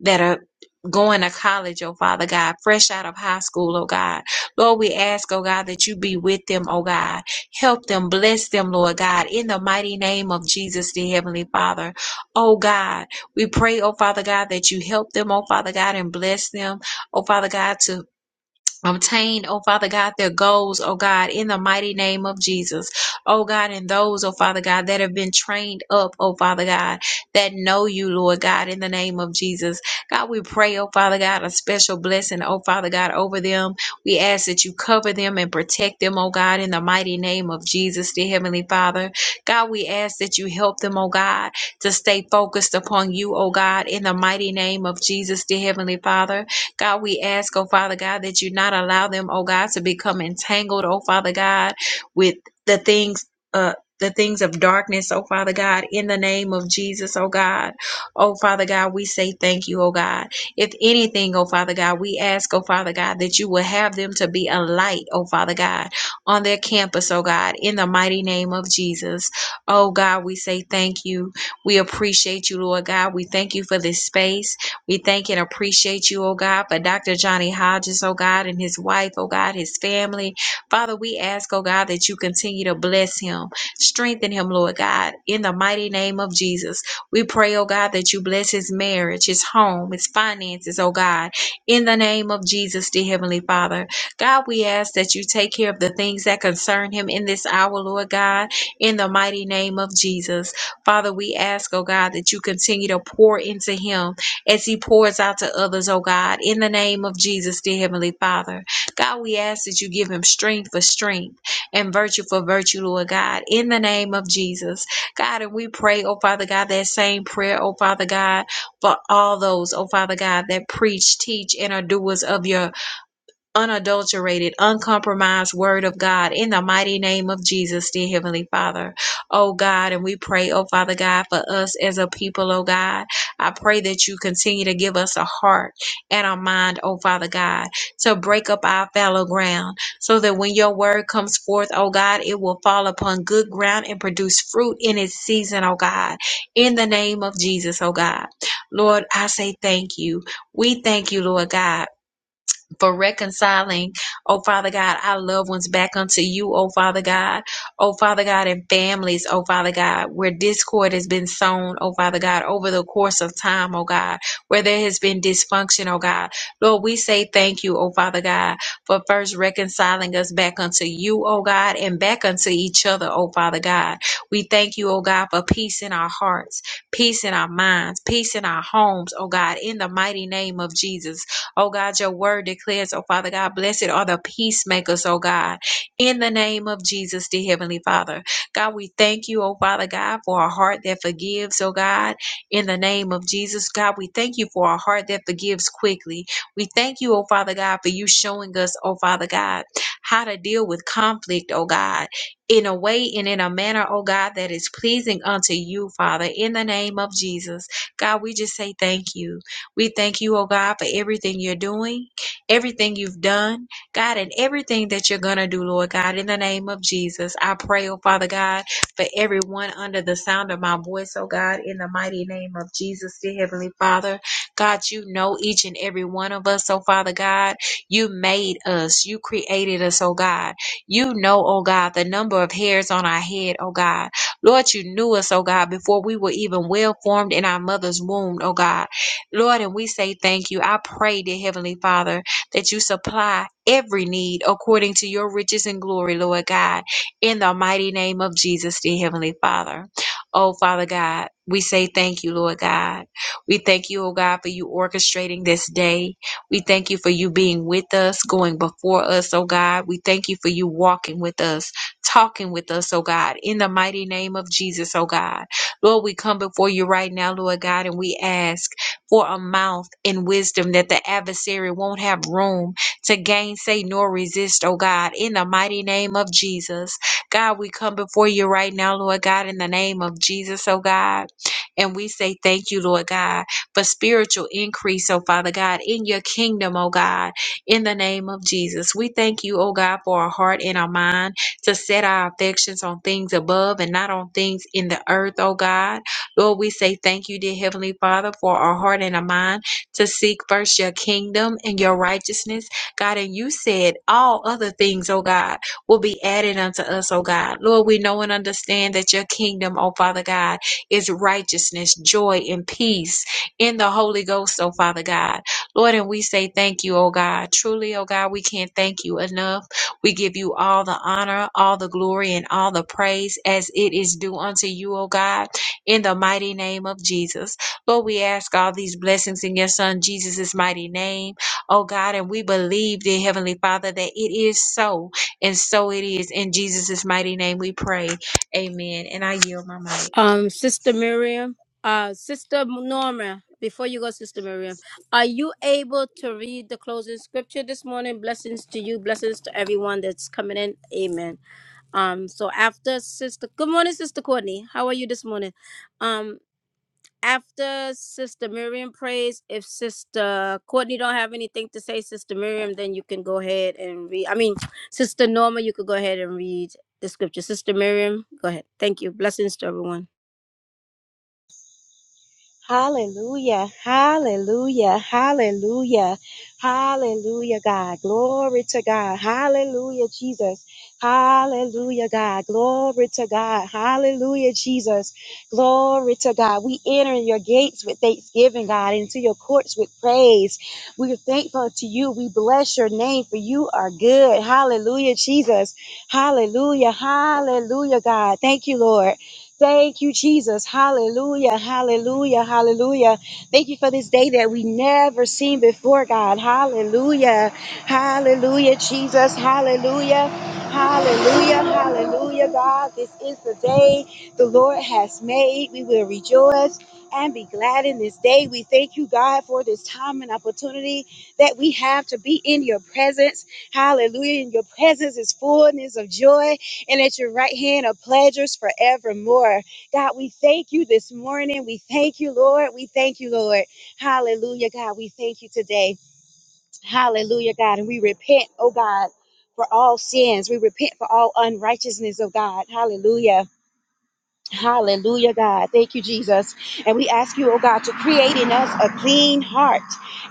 that are going to college, oh Father God, fresh out of high school, oh God. Lord, we ask, oh God, that you be with them, oh God. Help them, bless them, Lord God, in the mighty name of Jesus, the Heavenly Father. Oh God, we pray, oh Father God, that you help them, oh Father God, and bless them, oh Father God, to obtain, oh Father God, their goals, oh God, in the mighty name of Jesus. Oh God, and those, oh Father God, that have been trained up, oh Father God, that know you, Lord God, in the name of Jesus. God, we pray, oh Father God, a special blessing, oh Father God, over them. We ask that you cover them and protect them, oh God, in the mighty name of Jesus, dear Heavenly Father. God, we ask that you help them, oh God, to stay focused upon you, oh God, in the mighty name of Jesus, dear Heavenly Father. God, we ask, oh Father God, that you not allow them, oh God, to become entangled, oh Father God, with the things, uh, the things of darkness, oh Father God, in the name of Jesus, oh God. Oh Father God, we say thank you, oh God. If anything, oh Father God, we ask, oh Father God, that you will have them to be a light, oh Father God, on their campus, oh God, in the mighty name of Jesus. Oh God, we say thank you. We appreciate you, Lord God. We thank you for this space. We thank and appreciate you, oh God, for Dr. Johnny Hodges, oh God, and his wife, oh God, his family. Father, we ask, oh God, that you continue to bless him, strengthen him, Lord God, in the mighty name of Jesus. We pray, oh God, that you bless his marriage, his home, his finances, oh God, in the name of Jesus, dear Heavenly Father. God, we ask that you take care of the things that concern him in this hour, Lord God, in the mighty name of Jesus. Father, we ask, oh God, that you continue to pour into him as he pours out to others, oh God, in the name of Jesus, dear Heavenly Father. God, we ask that you give him strength for strength and virtue for virtue, Lord God, in the name of Jesus. God, and we pray, oh Father God, that same prayer, oh Father God, for all those, oh Father God, that preach, teach, and are doers of your unadulterated, uncompromised word of God in the mighty name of Jesus, dear Heavenly Father. Oh God, and we pray, oh Father God, for us as a people, oh God. I pray that you continue to give us a heart and a mind, oh Father God, to break up our fallow ground so that when your word comes forth, oh God, it will fall upon good ground and produce fruit in its season, oh God. In the name of Jesus, oh God. Lord, I say thank you. We thank you, Lord God for reconciling, oh Father God, our loved ones back unto you, oh Father God, oh Father God, and families, oh Father God, where discord has been sown, oh Father God, over the course of time, oh God, where there has been dysfunction, oh God. Lord, we say thank you, oh Father God, for first reconciling us back unto you, oh God, and back unto each other, oh Father God. We thank you, oh God, for peace in our hearts, peace in our minds, peace in our homes, oh God, in the mighty name of Jesus. Oh God, your word declares, oh Father God, blessed are the peacemakers, oh God, in the name of Jesus, dear Heavenly Father. God, we thank you, oh Father God, for a heart that forgives, oh God, in the name of Jesus. God, we thank you for a heart that forgives quickly. We thank you, oh Father God, for you showing us, oh Father God, how to deal with conflict, oh God, in a way and in a manner, oh God, that is pleasing unto you, Father, in the name of Jesus. God, we just say thank you. We thank you, oh God, for everything you're doing, everything you've done, God, and everything that you're going to do, Lord God, in the name of Jesus. I pray, oh Father God, for everyone under the sound of my voice, oh God, in the mighty name of Jesus, dear Heavenly Father. God, you know each and every one of us, oh Father God. You made us, you created us, oh God. You know, oh God, the number of hairs on our head, oh God. Lord, you knew us, oh God, before we were even well formed in our mother's womb, oh God. Lord, and we say thank you. I pray, dear Heavenly Father, that you supply every need according to your riches and glory, Lord God, in the mighty name of Jesus, dear Heavenly Father. Oh, Father God, we say thank you, Lord God. We thank you, oh God, for you orchestrating this day. We thank you for you being with us, going before us, oh God. We thank you for you walking with us, talking with us, oh God, in the mighty name of Jesus, oh God. Lord, we come before you right now, Lord God, and we ask for a mouth and wisdom that the adversary won't have room to gainsay nor resist, oh God, in the mighty name of Jesus. God, we come before you right now, Lord God, in the name of Jesus, oh God. And we say thank you, Lord God, for spiritual increase, oh Father God, in your kingdom, oh God, in the name of Jesus. We thank you, oh God, for our heart and our mind to set our affections on things above and not on things in the earth, oh God. Lord, we say thank you, dear Heavenly Father, for our heart and our mind to seek first your kingdom and your righteousness, God. And you said all other things, oh God, will be added unto us, oh God. Lord, we know and understand that your kingdom, oh Father God, is righteousness, joy, and peace in the Holy Ghost, oh Father God. Lord, and we say thank you, oh God. Truly, oh God, we can't thank you enough. We give you all the honor, all the glory, and all the praise as it is due unto you, O God in the mighty name of Jesus. Lord, we ask all these blessings in your son Jesus' mighty name. Oh God, and we believe, dear Heavenly Father, that it is so, and so it is. In Jesus' mighty name we pray. Amen. And I yield my mic. Um, Sister Miriam, uh, Sister Norma, before you go, Sister Miriam, are you able to read the closing scripture this morning? Blessings to you, blessings to everyone that's coming in. Amen. Um, so after Sister, good morning, Sister Courtney. How are you this morning? Um, after Sister Miriam prays, if Sister Courtney don't have anything to say, Sister Miriam, then you can go ahead and read. I mean, Sister Norma, you could go ahead and read the scripture. Sister Miriam, go ahead. Thank you. Blessings to everyone. Hallelujah, hallelujah, hallelujah, hallelujah, God. Glory to God. Hallelujah, Jesus. Hallelujah, God. Glory to God. Hallelujah, Jesus. Glory to God. We enter your gates with thanksgiving, God, into your courts with praise. We are thankful to you. We bless your name for you are good. Hallelujah, Jesus. Hallelujah, hallelujah, God. Thank you, Lord. Thank you, Jesus. Hallelujah. Hallelujah. Hallelujah. Thank you for this day that we never seen before, God. Hallelujah. Hallelujah, Jesus. Hallelujah. Hallelujah. Hallelujah, God. This is the day the Lord has made. We will rejoice and be glad in this day. We thank you, God, for this time and opportunity that we have to be in your presence. Hallelujah. And your presence is fullness of joy and at your right hand are pleasures forevermore. God, we thank you this morning. We thank you, Lord. We thank you, Lord. Hallelujah, God. We thank you today. Hallelujah, God. And we repent, oh God, for all sins. We repent for all unrighteousness, oh God. Hallelujah. Hallelujah, God. Thank you, Jesus. And we ask you, oh God, to create in us a clean heart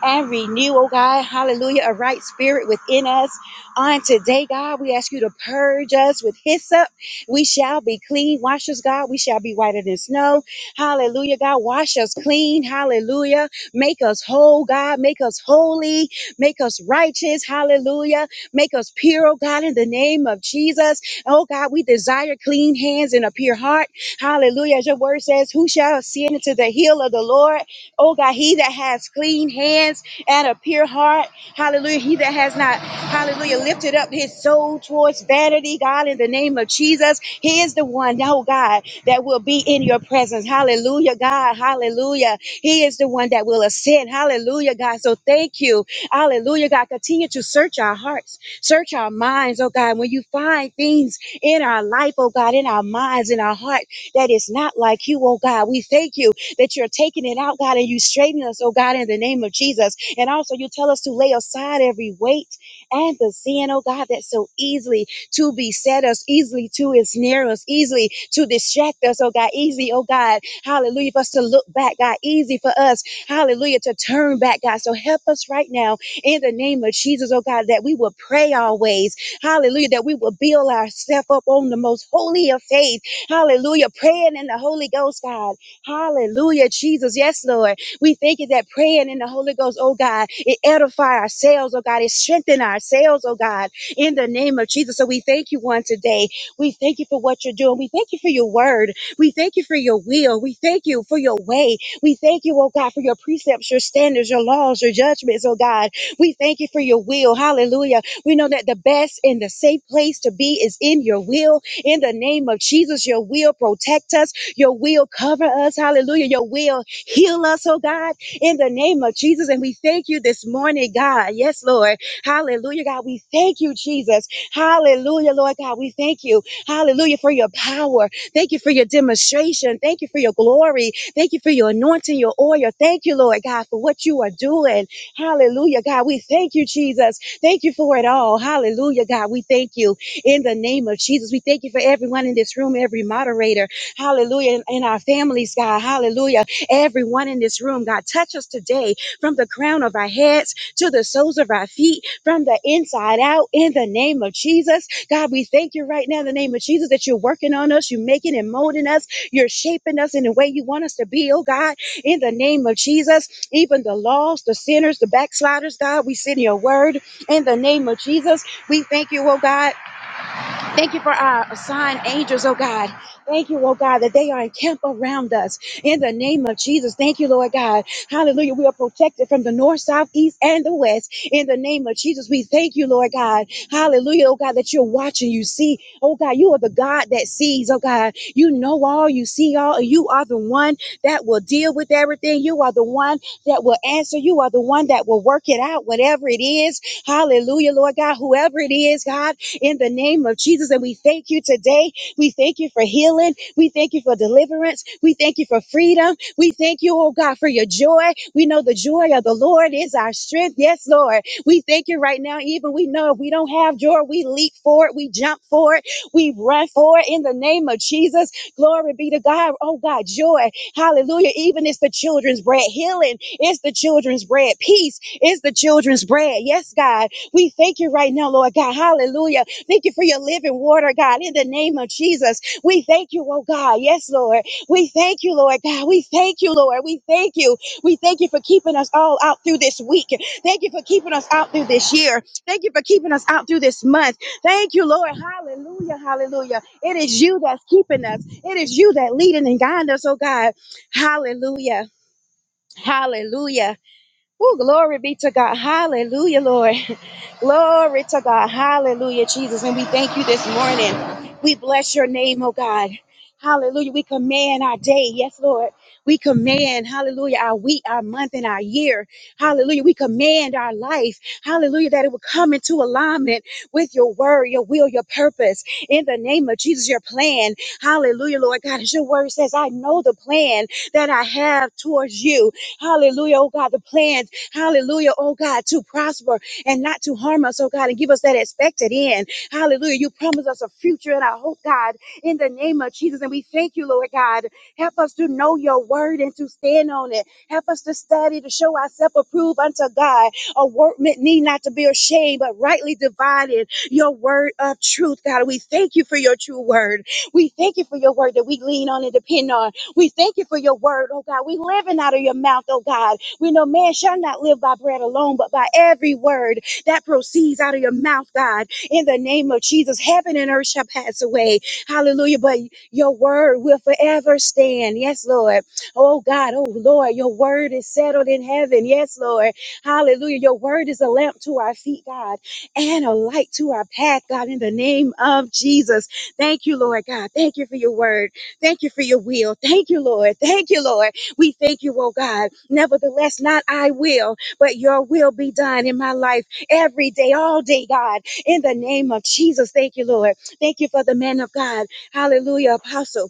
and renew, oh God, hallelujah, a right spirit within us. On today, God, we ask you to purge us with hyssop. We shall be clean. Wash us, God. We shall be whiter than snow. Hallelujah, God. Wash us clean. Hallelujah. Make us whole, God. Make us holy. Make us righteous. Hallelujah. Make us pure, oh God, in the name of Jesus. Oh God, we desire clean hands and a pure heart. Hallelujah. As your word says, who shall ascend into the hill of the Lord? Oh God, he that has clean hands and a pure heart. Hallelujah. He that has not, hallelujah, lifted up his soul towards vanity, God, in the name of Jesus. He is the one, oh God, that will be in your presence. Hallelujah, God. Hallelujah. He is the one that will ascend. Hallelujah, God. So thank you. Hallelujah, God. Continue to search our hearts, search our minds, oh God. When you find things in our life, oh God, in our minds, in our heart that is not like you, oh God. We thank you that you're taking it out, God, and you straighten us, oh God, in the name of Jesus. And also, you tell us to lay aside every weight and the sin, oh God, that so easily to beset us, easily to ensnare us, easily to distract us, oh God, easy, oh God, hallelujah, for us to look back, God, easy for us, hallelujah, to turn back, God. So help us right now in the name of Jesus, oh God, that we will pray always, hallelujah, that we will build ourselves up on the most holy of faith Hallelujah. Praying in the Holy Ghost, God. Hallelujah, Jesus. Yes, Lord. We thank you that praying in the Holy Ghost, oh God, it edify ourselves, oh God. It strengthen ourselves, oh God, in the name of Jesus. So we thank you one today. We thank you for what you're doing. We thank you for your word. We thank you for your will. We thank you for your way. We thank you, oh God, for your precepts, your standards, your laws, your judgments, oh God. We thank you for your will. Hallelujah. We know that the best and the safe place to be is in your will. In the name of Jesus, your will protect us, your will cover us. Hallelujah. Your will heal us, oh God, in the name of Jesus. And we thank you this morning, God. Yes, Lord. Hallelujah, God. We thank you, Jesus. Hallelujah, Lord God. We thank you. Hallelujah for your power. Thank you for your demonstration. Thank you for your glory. Thank you for your anointing, your oil. Thank you, Lord God, for what you are doing. Hallelujah, God. We thank you, Jesus. Thank you for it all. Hallelujah, God. We thank you in the name of Jesus. We thank you for everyone in this room, every moderator, hallelujah, and, and our families, God, hallelujah. Everyone in this room, God, touch us today from the crown of our heads to the soles of our feet, from the inside out, in the name of Jesus. God, we thank you right now in the name of Jesus that you're working on us, you're making and molding us, you're shaping us in the way you want us to be, oh God, in the name of Jesus. Even the lost, the sinners, the backsliders, God, we send your word in the name of Jesus. We thank you, oh God. Thank you for our assigned angels, oh God. Thank you, oh God, that they are encamped around us. In the name of Jesus, thank you, Lord God. Hallelujah. We are protected from the north, south, east, and the west. In the name of Jesus, we thank you, Lord God. Hallelujah, oh God, that you're watching. You see, oh God, you are the God that sees, oh God. You know all, you see all, and you are the one that will deal with everything. You are the one that will answer. You are the one that will work it out, whatever it is. Hallelujah, Lord God. Whoever it is, God in the name of Jesus. And we thank you today. We thank you for healing. We thank you for deliverance. We thank you for freedom. We thank you, oh God, for your joy. We know the joy of the Lord is our strength. Yes, Lord. We thank you right now. Even we know if we don't have joy, we leap for it. We jump for it. We run for it in the name of Jesus. Glory be to God. Oh God, joy. Hallelujah. Even it's the children's bread. Healing is the children's bread. Peace is the children's bread. Yes, God. We thank you right now, Lord God. Hallelujah Thank you for your living water, God, in the name of Jesus. We thank you, oh God. Yes, Lord. We thank you, Lord God. We thank you, Lord. We thank you. We thank you for keeping us all out through this week. Thank you for keeping us out through this year. Thank you for keeping us out through this month. Thank you, Lord. Hallelujah. Hallelujah. It is you that's keeping us. It is you that leading and guiding us, oh God. Hallelujah. Hallelujah. Oh, glory be to God. Hallelujah, Lord. Glory to God. Hallelujah, Jesus. And we thank you this morning. We bless your name, oh God. Hallelujah. We command our day. Yes, Lord. We command, hallelujah, our week, our month, and our year. Hallelujah. We command our life. Hallelujah. That it will come into alignment with your word, your will, your purpose. In the name of Jesus, your plan. Hallelujah, Lord God. As your word says, I know the plan that I have towards you. Hallelujah, oh God. The plans, hallelujah, oh God, to prosper and not to harm us, oh God, and give us that expected end. Hallelujah. You promise us a future and I hope, God, in the name of Jesus. And we thank you, Lord God. Help us to know your word and to stand on it. Help us to study, to show ourselves approved unto God. A workman need not to be ashamed, but rightly divided your word of truth, God. We thank you for your true word. We thank you for your word that we lean on and depend on. We thank you for your word, oh God. We living out of your mouth, oh God. We know man shall not live by bread alone, but by every word that proceeds out of your mouth, God. In the name of Jesus, heaven and earth shall pass away. Hallelujah. But your word will forever stand. Yes, Lord. Oh, God. Oh, Lord. Your word is settled in heaven. Yes, Lord. Hallelujah. Your word is a lamp to our feet, God, and a light to our path, God. In the name of Jesus. Thank you, Lord God. Thank you for your word. Thank you for your will. Thank you, Lord. Thank you, Lord. We thank you, oh God. Nevertheless, not I will, but your will be done in my life every day, all day, God. In the name of Jesus, thank you, Lord. Thank you for the man of God. Hallelujah, apostle.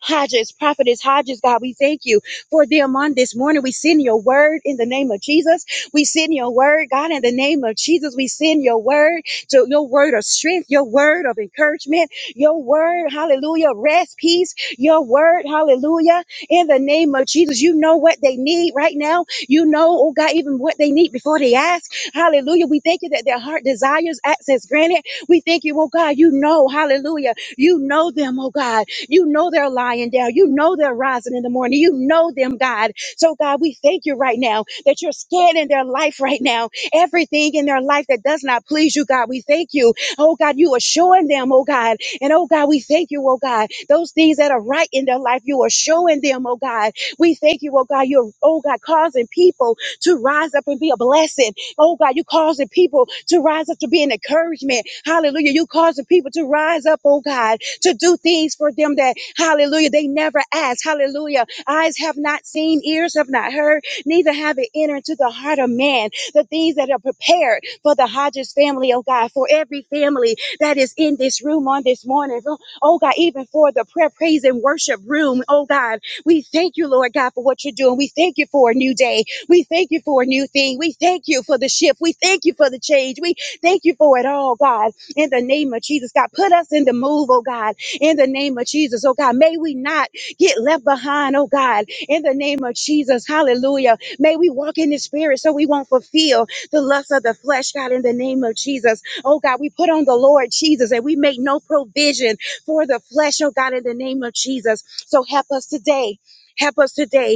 Hodges, Prophetess Hodges, God, we thank you for them on this morning. We send your word in the name of Jesus. We send your word, God, in the name of Jesus. We send your word to your word of strength, your word of encouragement, your word, hallelujah, rest, peace, your word, hallelujah, in the name of Jesus. You know what they need right now. You know, oh God, even what they need before they ask. Hallelujah. We thank you that their heart desires access granted. We thank you, oh God, you know, hallelujah. You know them, oh God. You know they're lying down. You know they're rising in the morning. You know them, God. So, God, we thank you right now that you're scanning their life right now. Everything in their life that does not please you, God, we thank you. Oh, God, you are showing them, oh, God. And, oh, God, we thank you, oh, God. Those things that are right in their life, you are showing them, oh, God. We thank you, oh, God. You're, oh, God, causing people to rise up and be a blessing. Oh God, you causing people to rise up to be an encouragement. Hallelujah. You causing people to rise up, oh God, to do things for them that, hallelujah, they never asked. Hallelujah. Eyes have not seen, ears have not heard, neither have it entered into the heart of man. The things that are prepared for the Hodges family, oh God, for every family that is in this room on this morning. Oh oh God, even for the prayer, praise, and worship room, oh God, we thank you, Lord God, for what you're doing. We thank you for a new day. We thank you for a new thing. We thank you for the shift. We thank you for the change. We thank you for it all, God in the name of Jesus. God, put us in the move, oh God, in the name of Jesus. Oh God, may we not get left behind, oh God, in the name of Jesus. Hallelujah. May we walk in the spirit so we won't fulfill the lust of the flesh, God, in the name of Jesus. Oh God, we put on the Lord Jesus and we make no provision for the flesh, oh God, in the name of Jesus. So help us today. Help us today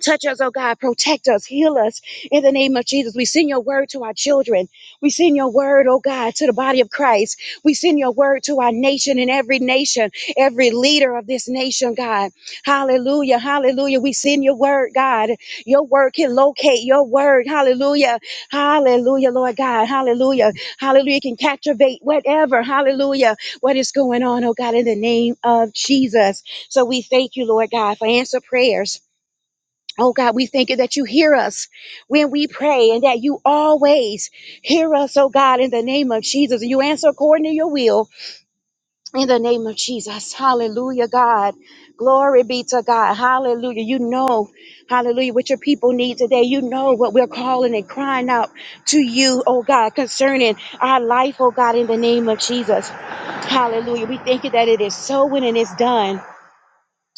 Touch us, oh God. Protect us. Heal us in the name of Jesus. We send your word to our children. We send your word, oh God, to the body of Christ. We send your word to our nation and every nation, every leader of this nation, God. Hallelujah. Hallelujah. We send your word, God. Your word can locate your word. Hallelujah. Hallelujah, Lord God. Hallelujah. Hallelujah. It Can captivate whatever. Hallelujah. What is going on, oh God, in the name of Jesus. So we thank you, Lord God, for answer prayers. Oh God, we thank you that you hear us when we pray and that you always hear us, oh God, in the name of Jesus. You answer according to your will in the name of Jesus. Hallelujah, God. Glory be to God. Hallelujah. You know, hallelujah, what your people need today. You know what we're calling and crying out to you, oh God, concerning our life, oh God, in the name of Jesus. Hallelujah. We thank you that it is so and it is done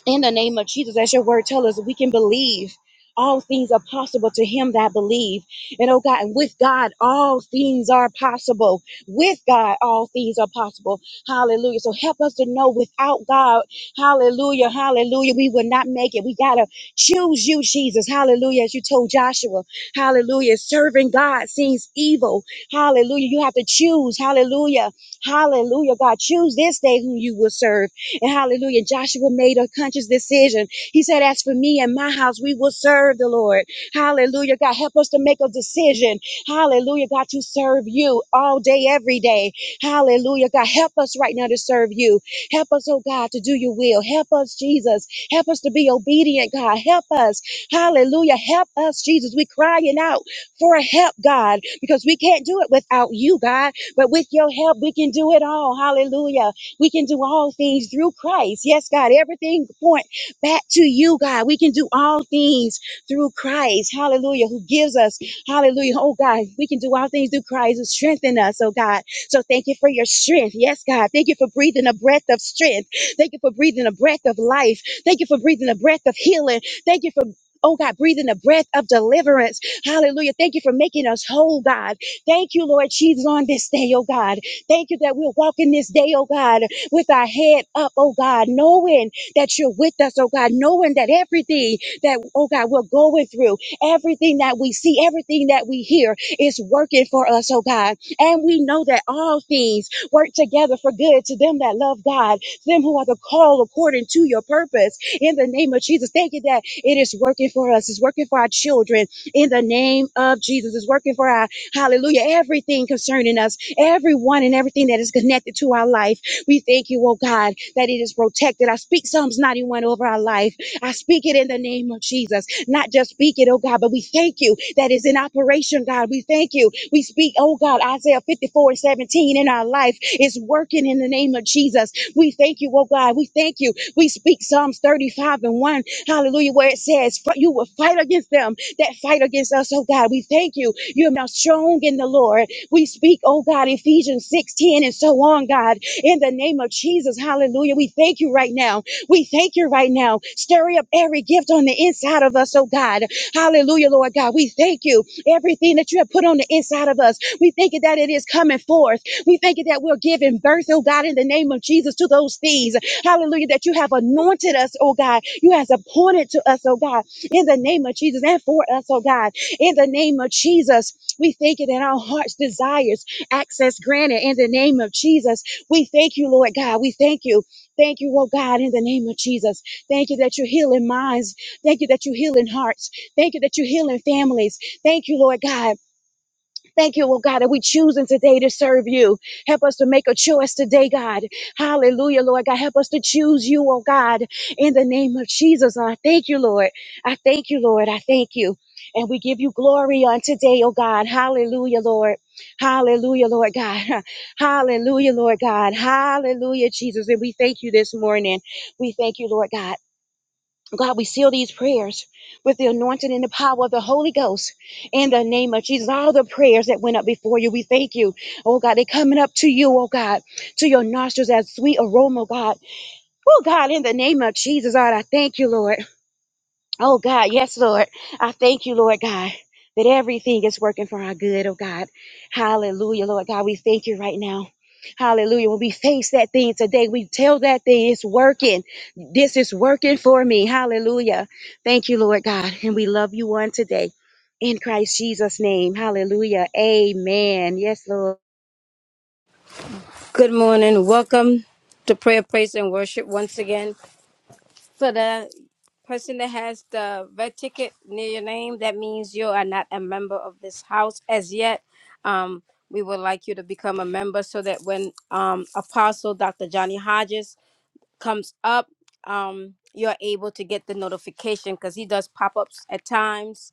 in the name of Jesus, as your word tells us, we can believe. All things are possible to him that believe. And oh God, and with God, all things are possible. With God, all things are possible. Hallelujah. So help us to know without God, hallelujah, hallelujah, we will not make it. We got to choose you, Jesus. Hallelujah. As you told Joshua, hallelujah. Serving God seems evil. Hallelujah. You have to choose. Hallelujah. Hallelujah. God, choose this day whom you will serve. And hallelujah, Joshua made a conscious decision. He said, As for me and my house, we will serve the Lord. Hallelujah, God, help us to make a decision. Hallelujah, God, to serve you all day, every day. Hallelujah, God, help us right now to serve you. Help us, oh God, to do your will. Help us, Jesus. Help us to be obedient, God. Help us. Hallelujah. Help us, Jesus. We're crying out for help, God, because we can't do it without you, God. But with your help, we can do it all. Hallelujah. We can do all things through Christ. Yes, God, everything point back to you, God. We can do all things through Christ. Hallelujah. Who gives us, hallelujah. Oh, God, we can do all things through Christ who strengthen us, oh, God. So thank you for your strength. Yes, God. Thank you for breathing a breath of strength. Thank you for breathing a breath of life. Thank you for breathing a breath of healing. Thank you for Oh God, breathing a breath of deliverance. Hallelujah. Thank you for making us whole, God. Thank you, Lord Jesus, on this day, oh God. Thank you that we're walking this day, oh God with our head up, oh God, knowing that you're with us, oh God, knowing that everything that, oh God, we're going through, everything that we see, everything that we hear is working for us, oh God. And we know that all things work together for good to them that love God, to them who are the called according to your purpose. In the name of Jesus, thank you that it is working for us, it's working for our children. In the name of Jesus, it's working for our hallelujah, everything concerning us, everyone and everything that is connected to our life we thank you, oh God, that it is protected. I speak Psalms 91 over our life. I speak it in the name of Jesus. Not just speak it, oh God, but we thank you that is in operation, God. We thank you. We speak, oh God, Isaiah 54 and 17 in our life is working in the name of Jesus. We thank you, oh God. We thank you. We speak Psalms 35 and 1, hallelujah, where it says, "For You will fight against them that fight against us, oh God. We thank you. You are now strong in the Lord. We speak, oh God, Ephesians 6 ten and so on, God in the name of Jesus. Hallelujah. We thank you right now. We thank you right now. Stir up every gift on the inside of us, oh God. Hallelujah, Lord God. We thank you. Everything that you have put on the inside of us, we thank you that it is coming forth. We thank you that we're giving birth, oh God, in the name of Jesus to those things. Hallelujah, that you have anointed us, oh God. You have appointed to us, oh God, in the name of Jesus and for us, oh God, in the name of Jesus. We thank you that our hearts desires access granted in the name of Jesus. We thank you, Lord God. We thank you. Thank you, oh God, in the name of Jesus. Thank you that you're healing minds. Thank you that you're healing hearts. Thank you that you're healing families. Thank you, Lord God. Thank you, oh God, that we choosing today to serve you. Help us to make a choice today, God. Hallelujah, Lord God. Help us to choose you, oh God, in the name of Jesus. And I thank you, Lord. I thank you, Lord. I thank you. And we give you glory on today, oh God. Hallelujah, Lord. Hallelujah, Lord God. <laughs> Hallelujah, Lord God. Hallelujah, Jesus. And we thank you this morning. We thank you, Lord God. God, we seal these prayers with the anointing and the power of the Holy Ghost in the name of Jesus. All the prayers that went up before you, we thank you. Oh God, they're coming up to you, oh God, to your nostrils as sweet aroma, oh, God. Oh God, in the name of Jesus, God, I thank you, Lord. Oh God, yes, Lord. I thank you, Lord God, that everything is working for our good, oh God. Hallelujah, Lord God. We thank you right now. Hallelujah. When we face that thing today, we tell that thing it's working. This is working for me. Hallelujah. Thank you, Lord God. And we love you on today. In Christ Jesus' name. Hallelujah. Amen. Yes, Lord. Good morning. Welcome to prayer, praise, and worship once again. For the person that has the red ticket near your name, that means you are not a member of this house as yet. Um, we would like you to become a member so that when um, Apostle Dr. Johnny Hodges comes up, um, you're able to get the notification because he does pop ups at times.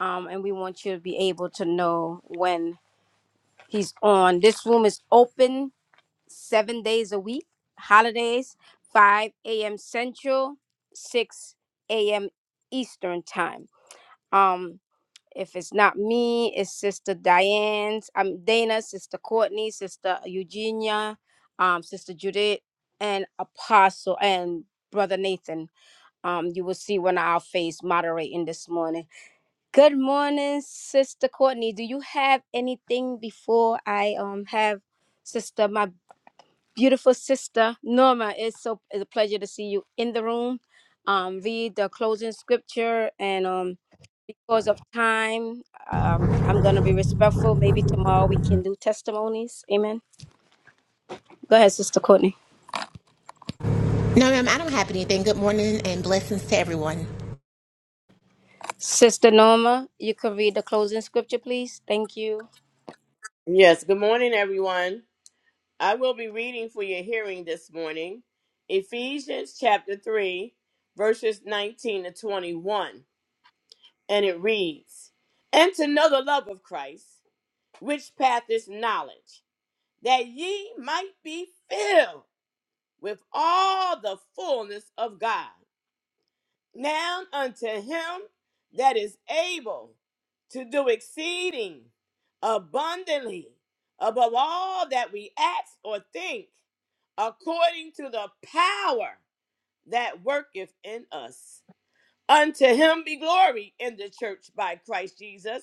Um, and we want you to be able to know when he's on. This room is open seven days a week, holidays, 5 a.m. Central, 6 a.m. Eastern time. Um, if it's not me, it's Sister Diane's, I'm Dana, Sister Courtney, Sister Eugenia, um, Sister Judith, and Apostle and Brother Nathan. Um, you will see when I'll face moderating this morning. Good morning, Sister Courtney. Do you have anything before I um have Sister my beautiful sister Norma. It's so it's a pleasure to see you in the room. Um, read the closing scripture, and um, because of time, um, I'm gonna be respectful. Maybe tomorrow we can do testimonies. Amen. Go ahead, Sister Courtney. No, ma'am, I don't have anything. Good morning and blessings to everyone. Sister Norma, you could read the closing scripture, please. Thank you. Yes, good morning, everyone. I will be reading for your hearing this morning Ephesians chapter 3, verses 19 to 21. And it reads And to know the love of Christ, which path is knowledge, that ye might be filled with all the fullness of God. Now unto him that is able to do exceeding abundantly above all that we ask or think, according to the power that worketh in us. Unto him be glory in the church by Christ Jesus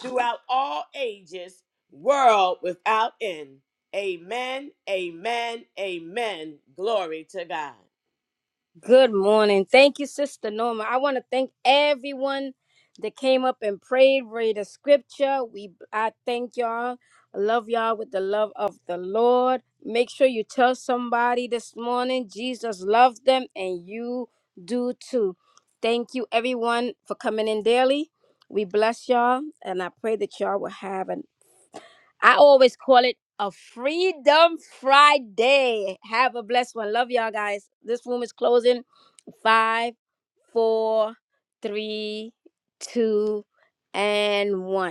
throughout all ages, world without end. Amen, amen, amen. Glory to God. Good morning. Thank you, Sister Norma. I want to thank everyone that came up and prayed, read the scripture. We I thank y'all. I love y'all with the love of the Lord. Make sure you tell somebody this morning Jesus loves them and you do too. Thank you everyone for coming in daily. We bless y'all and I pray that y'all will have an I always call it a Freedom Friday. Have a blessed one. Love y'all guys. This room is closing. Five, four, three, two, and one.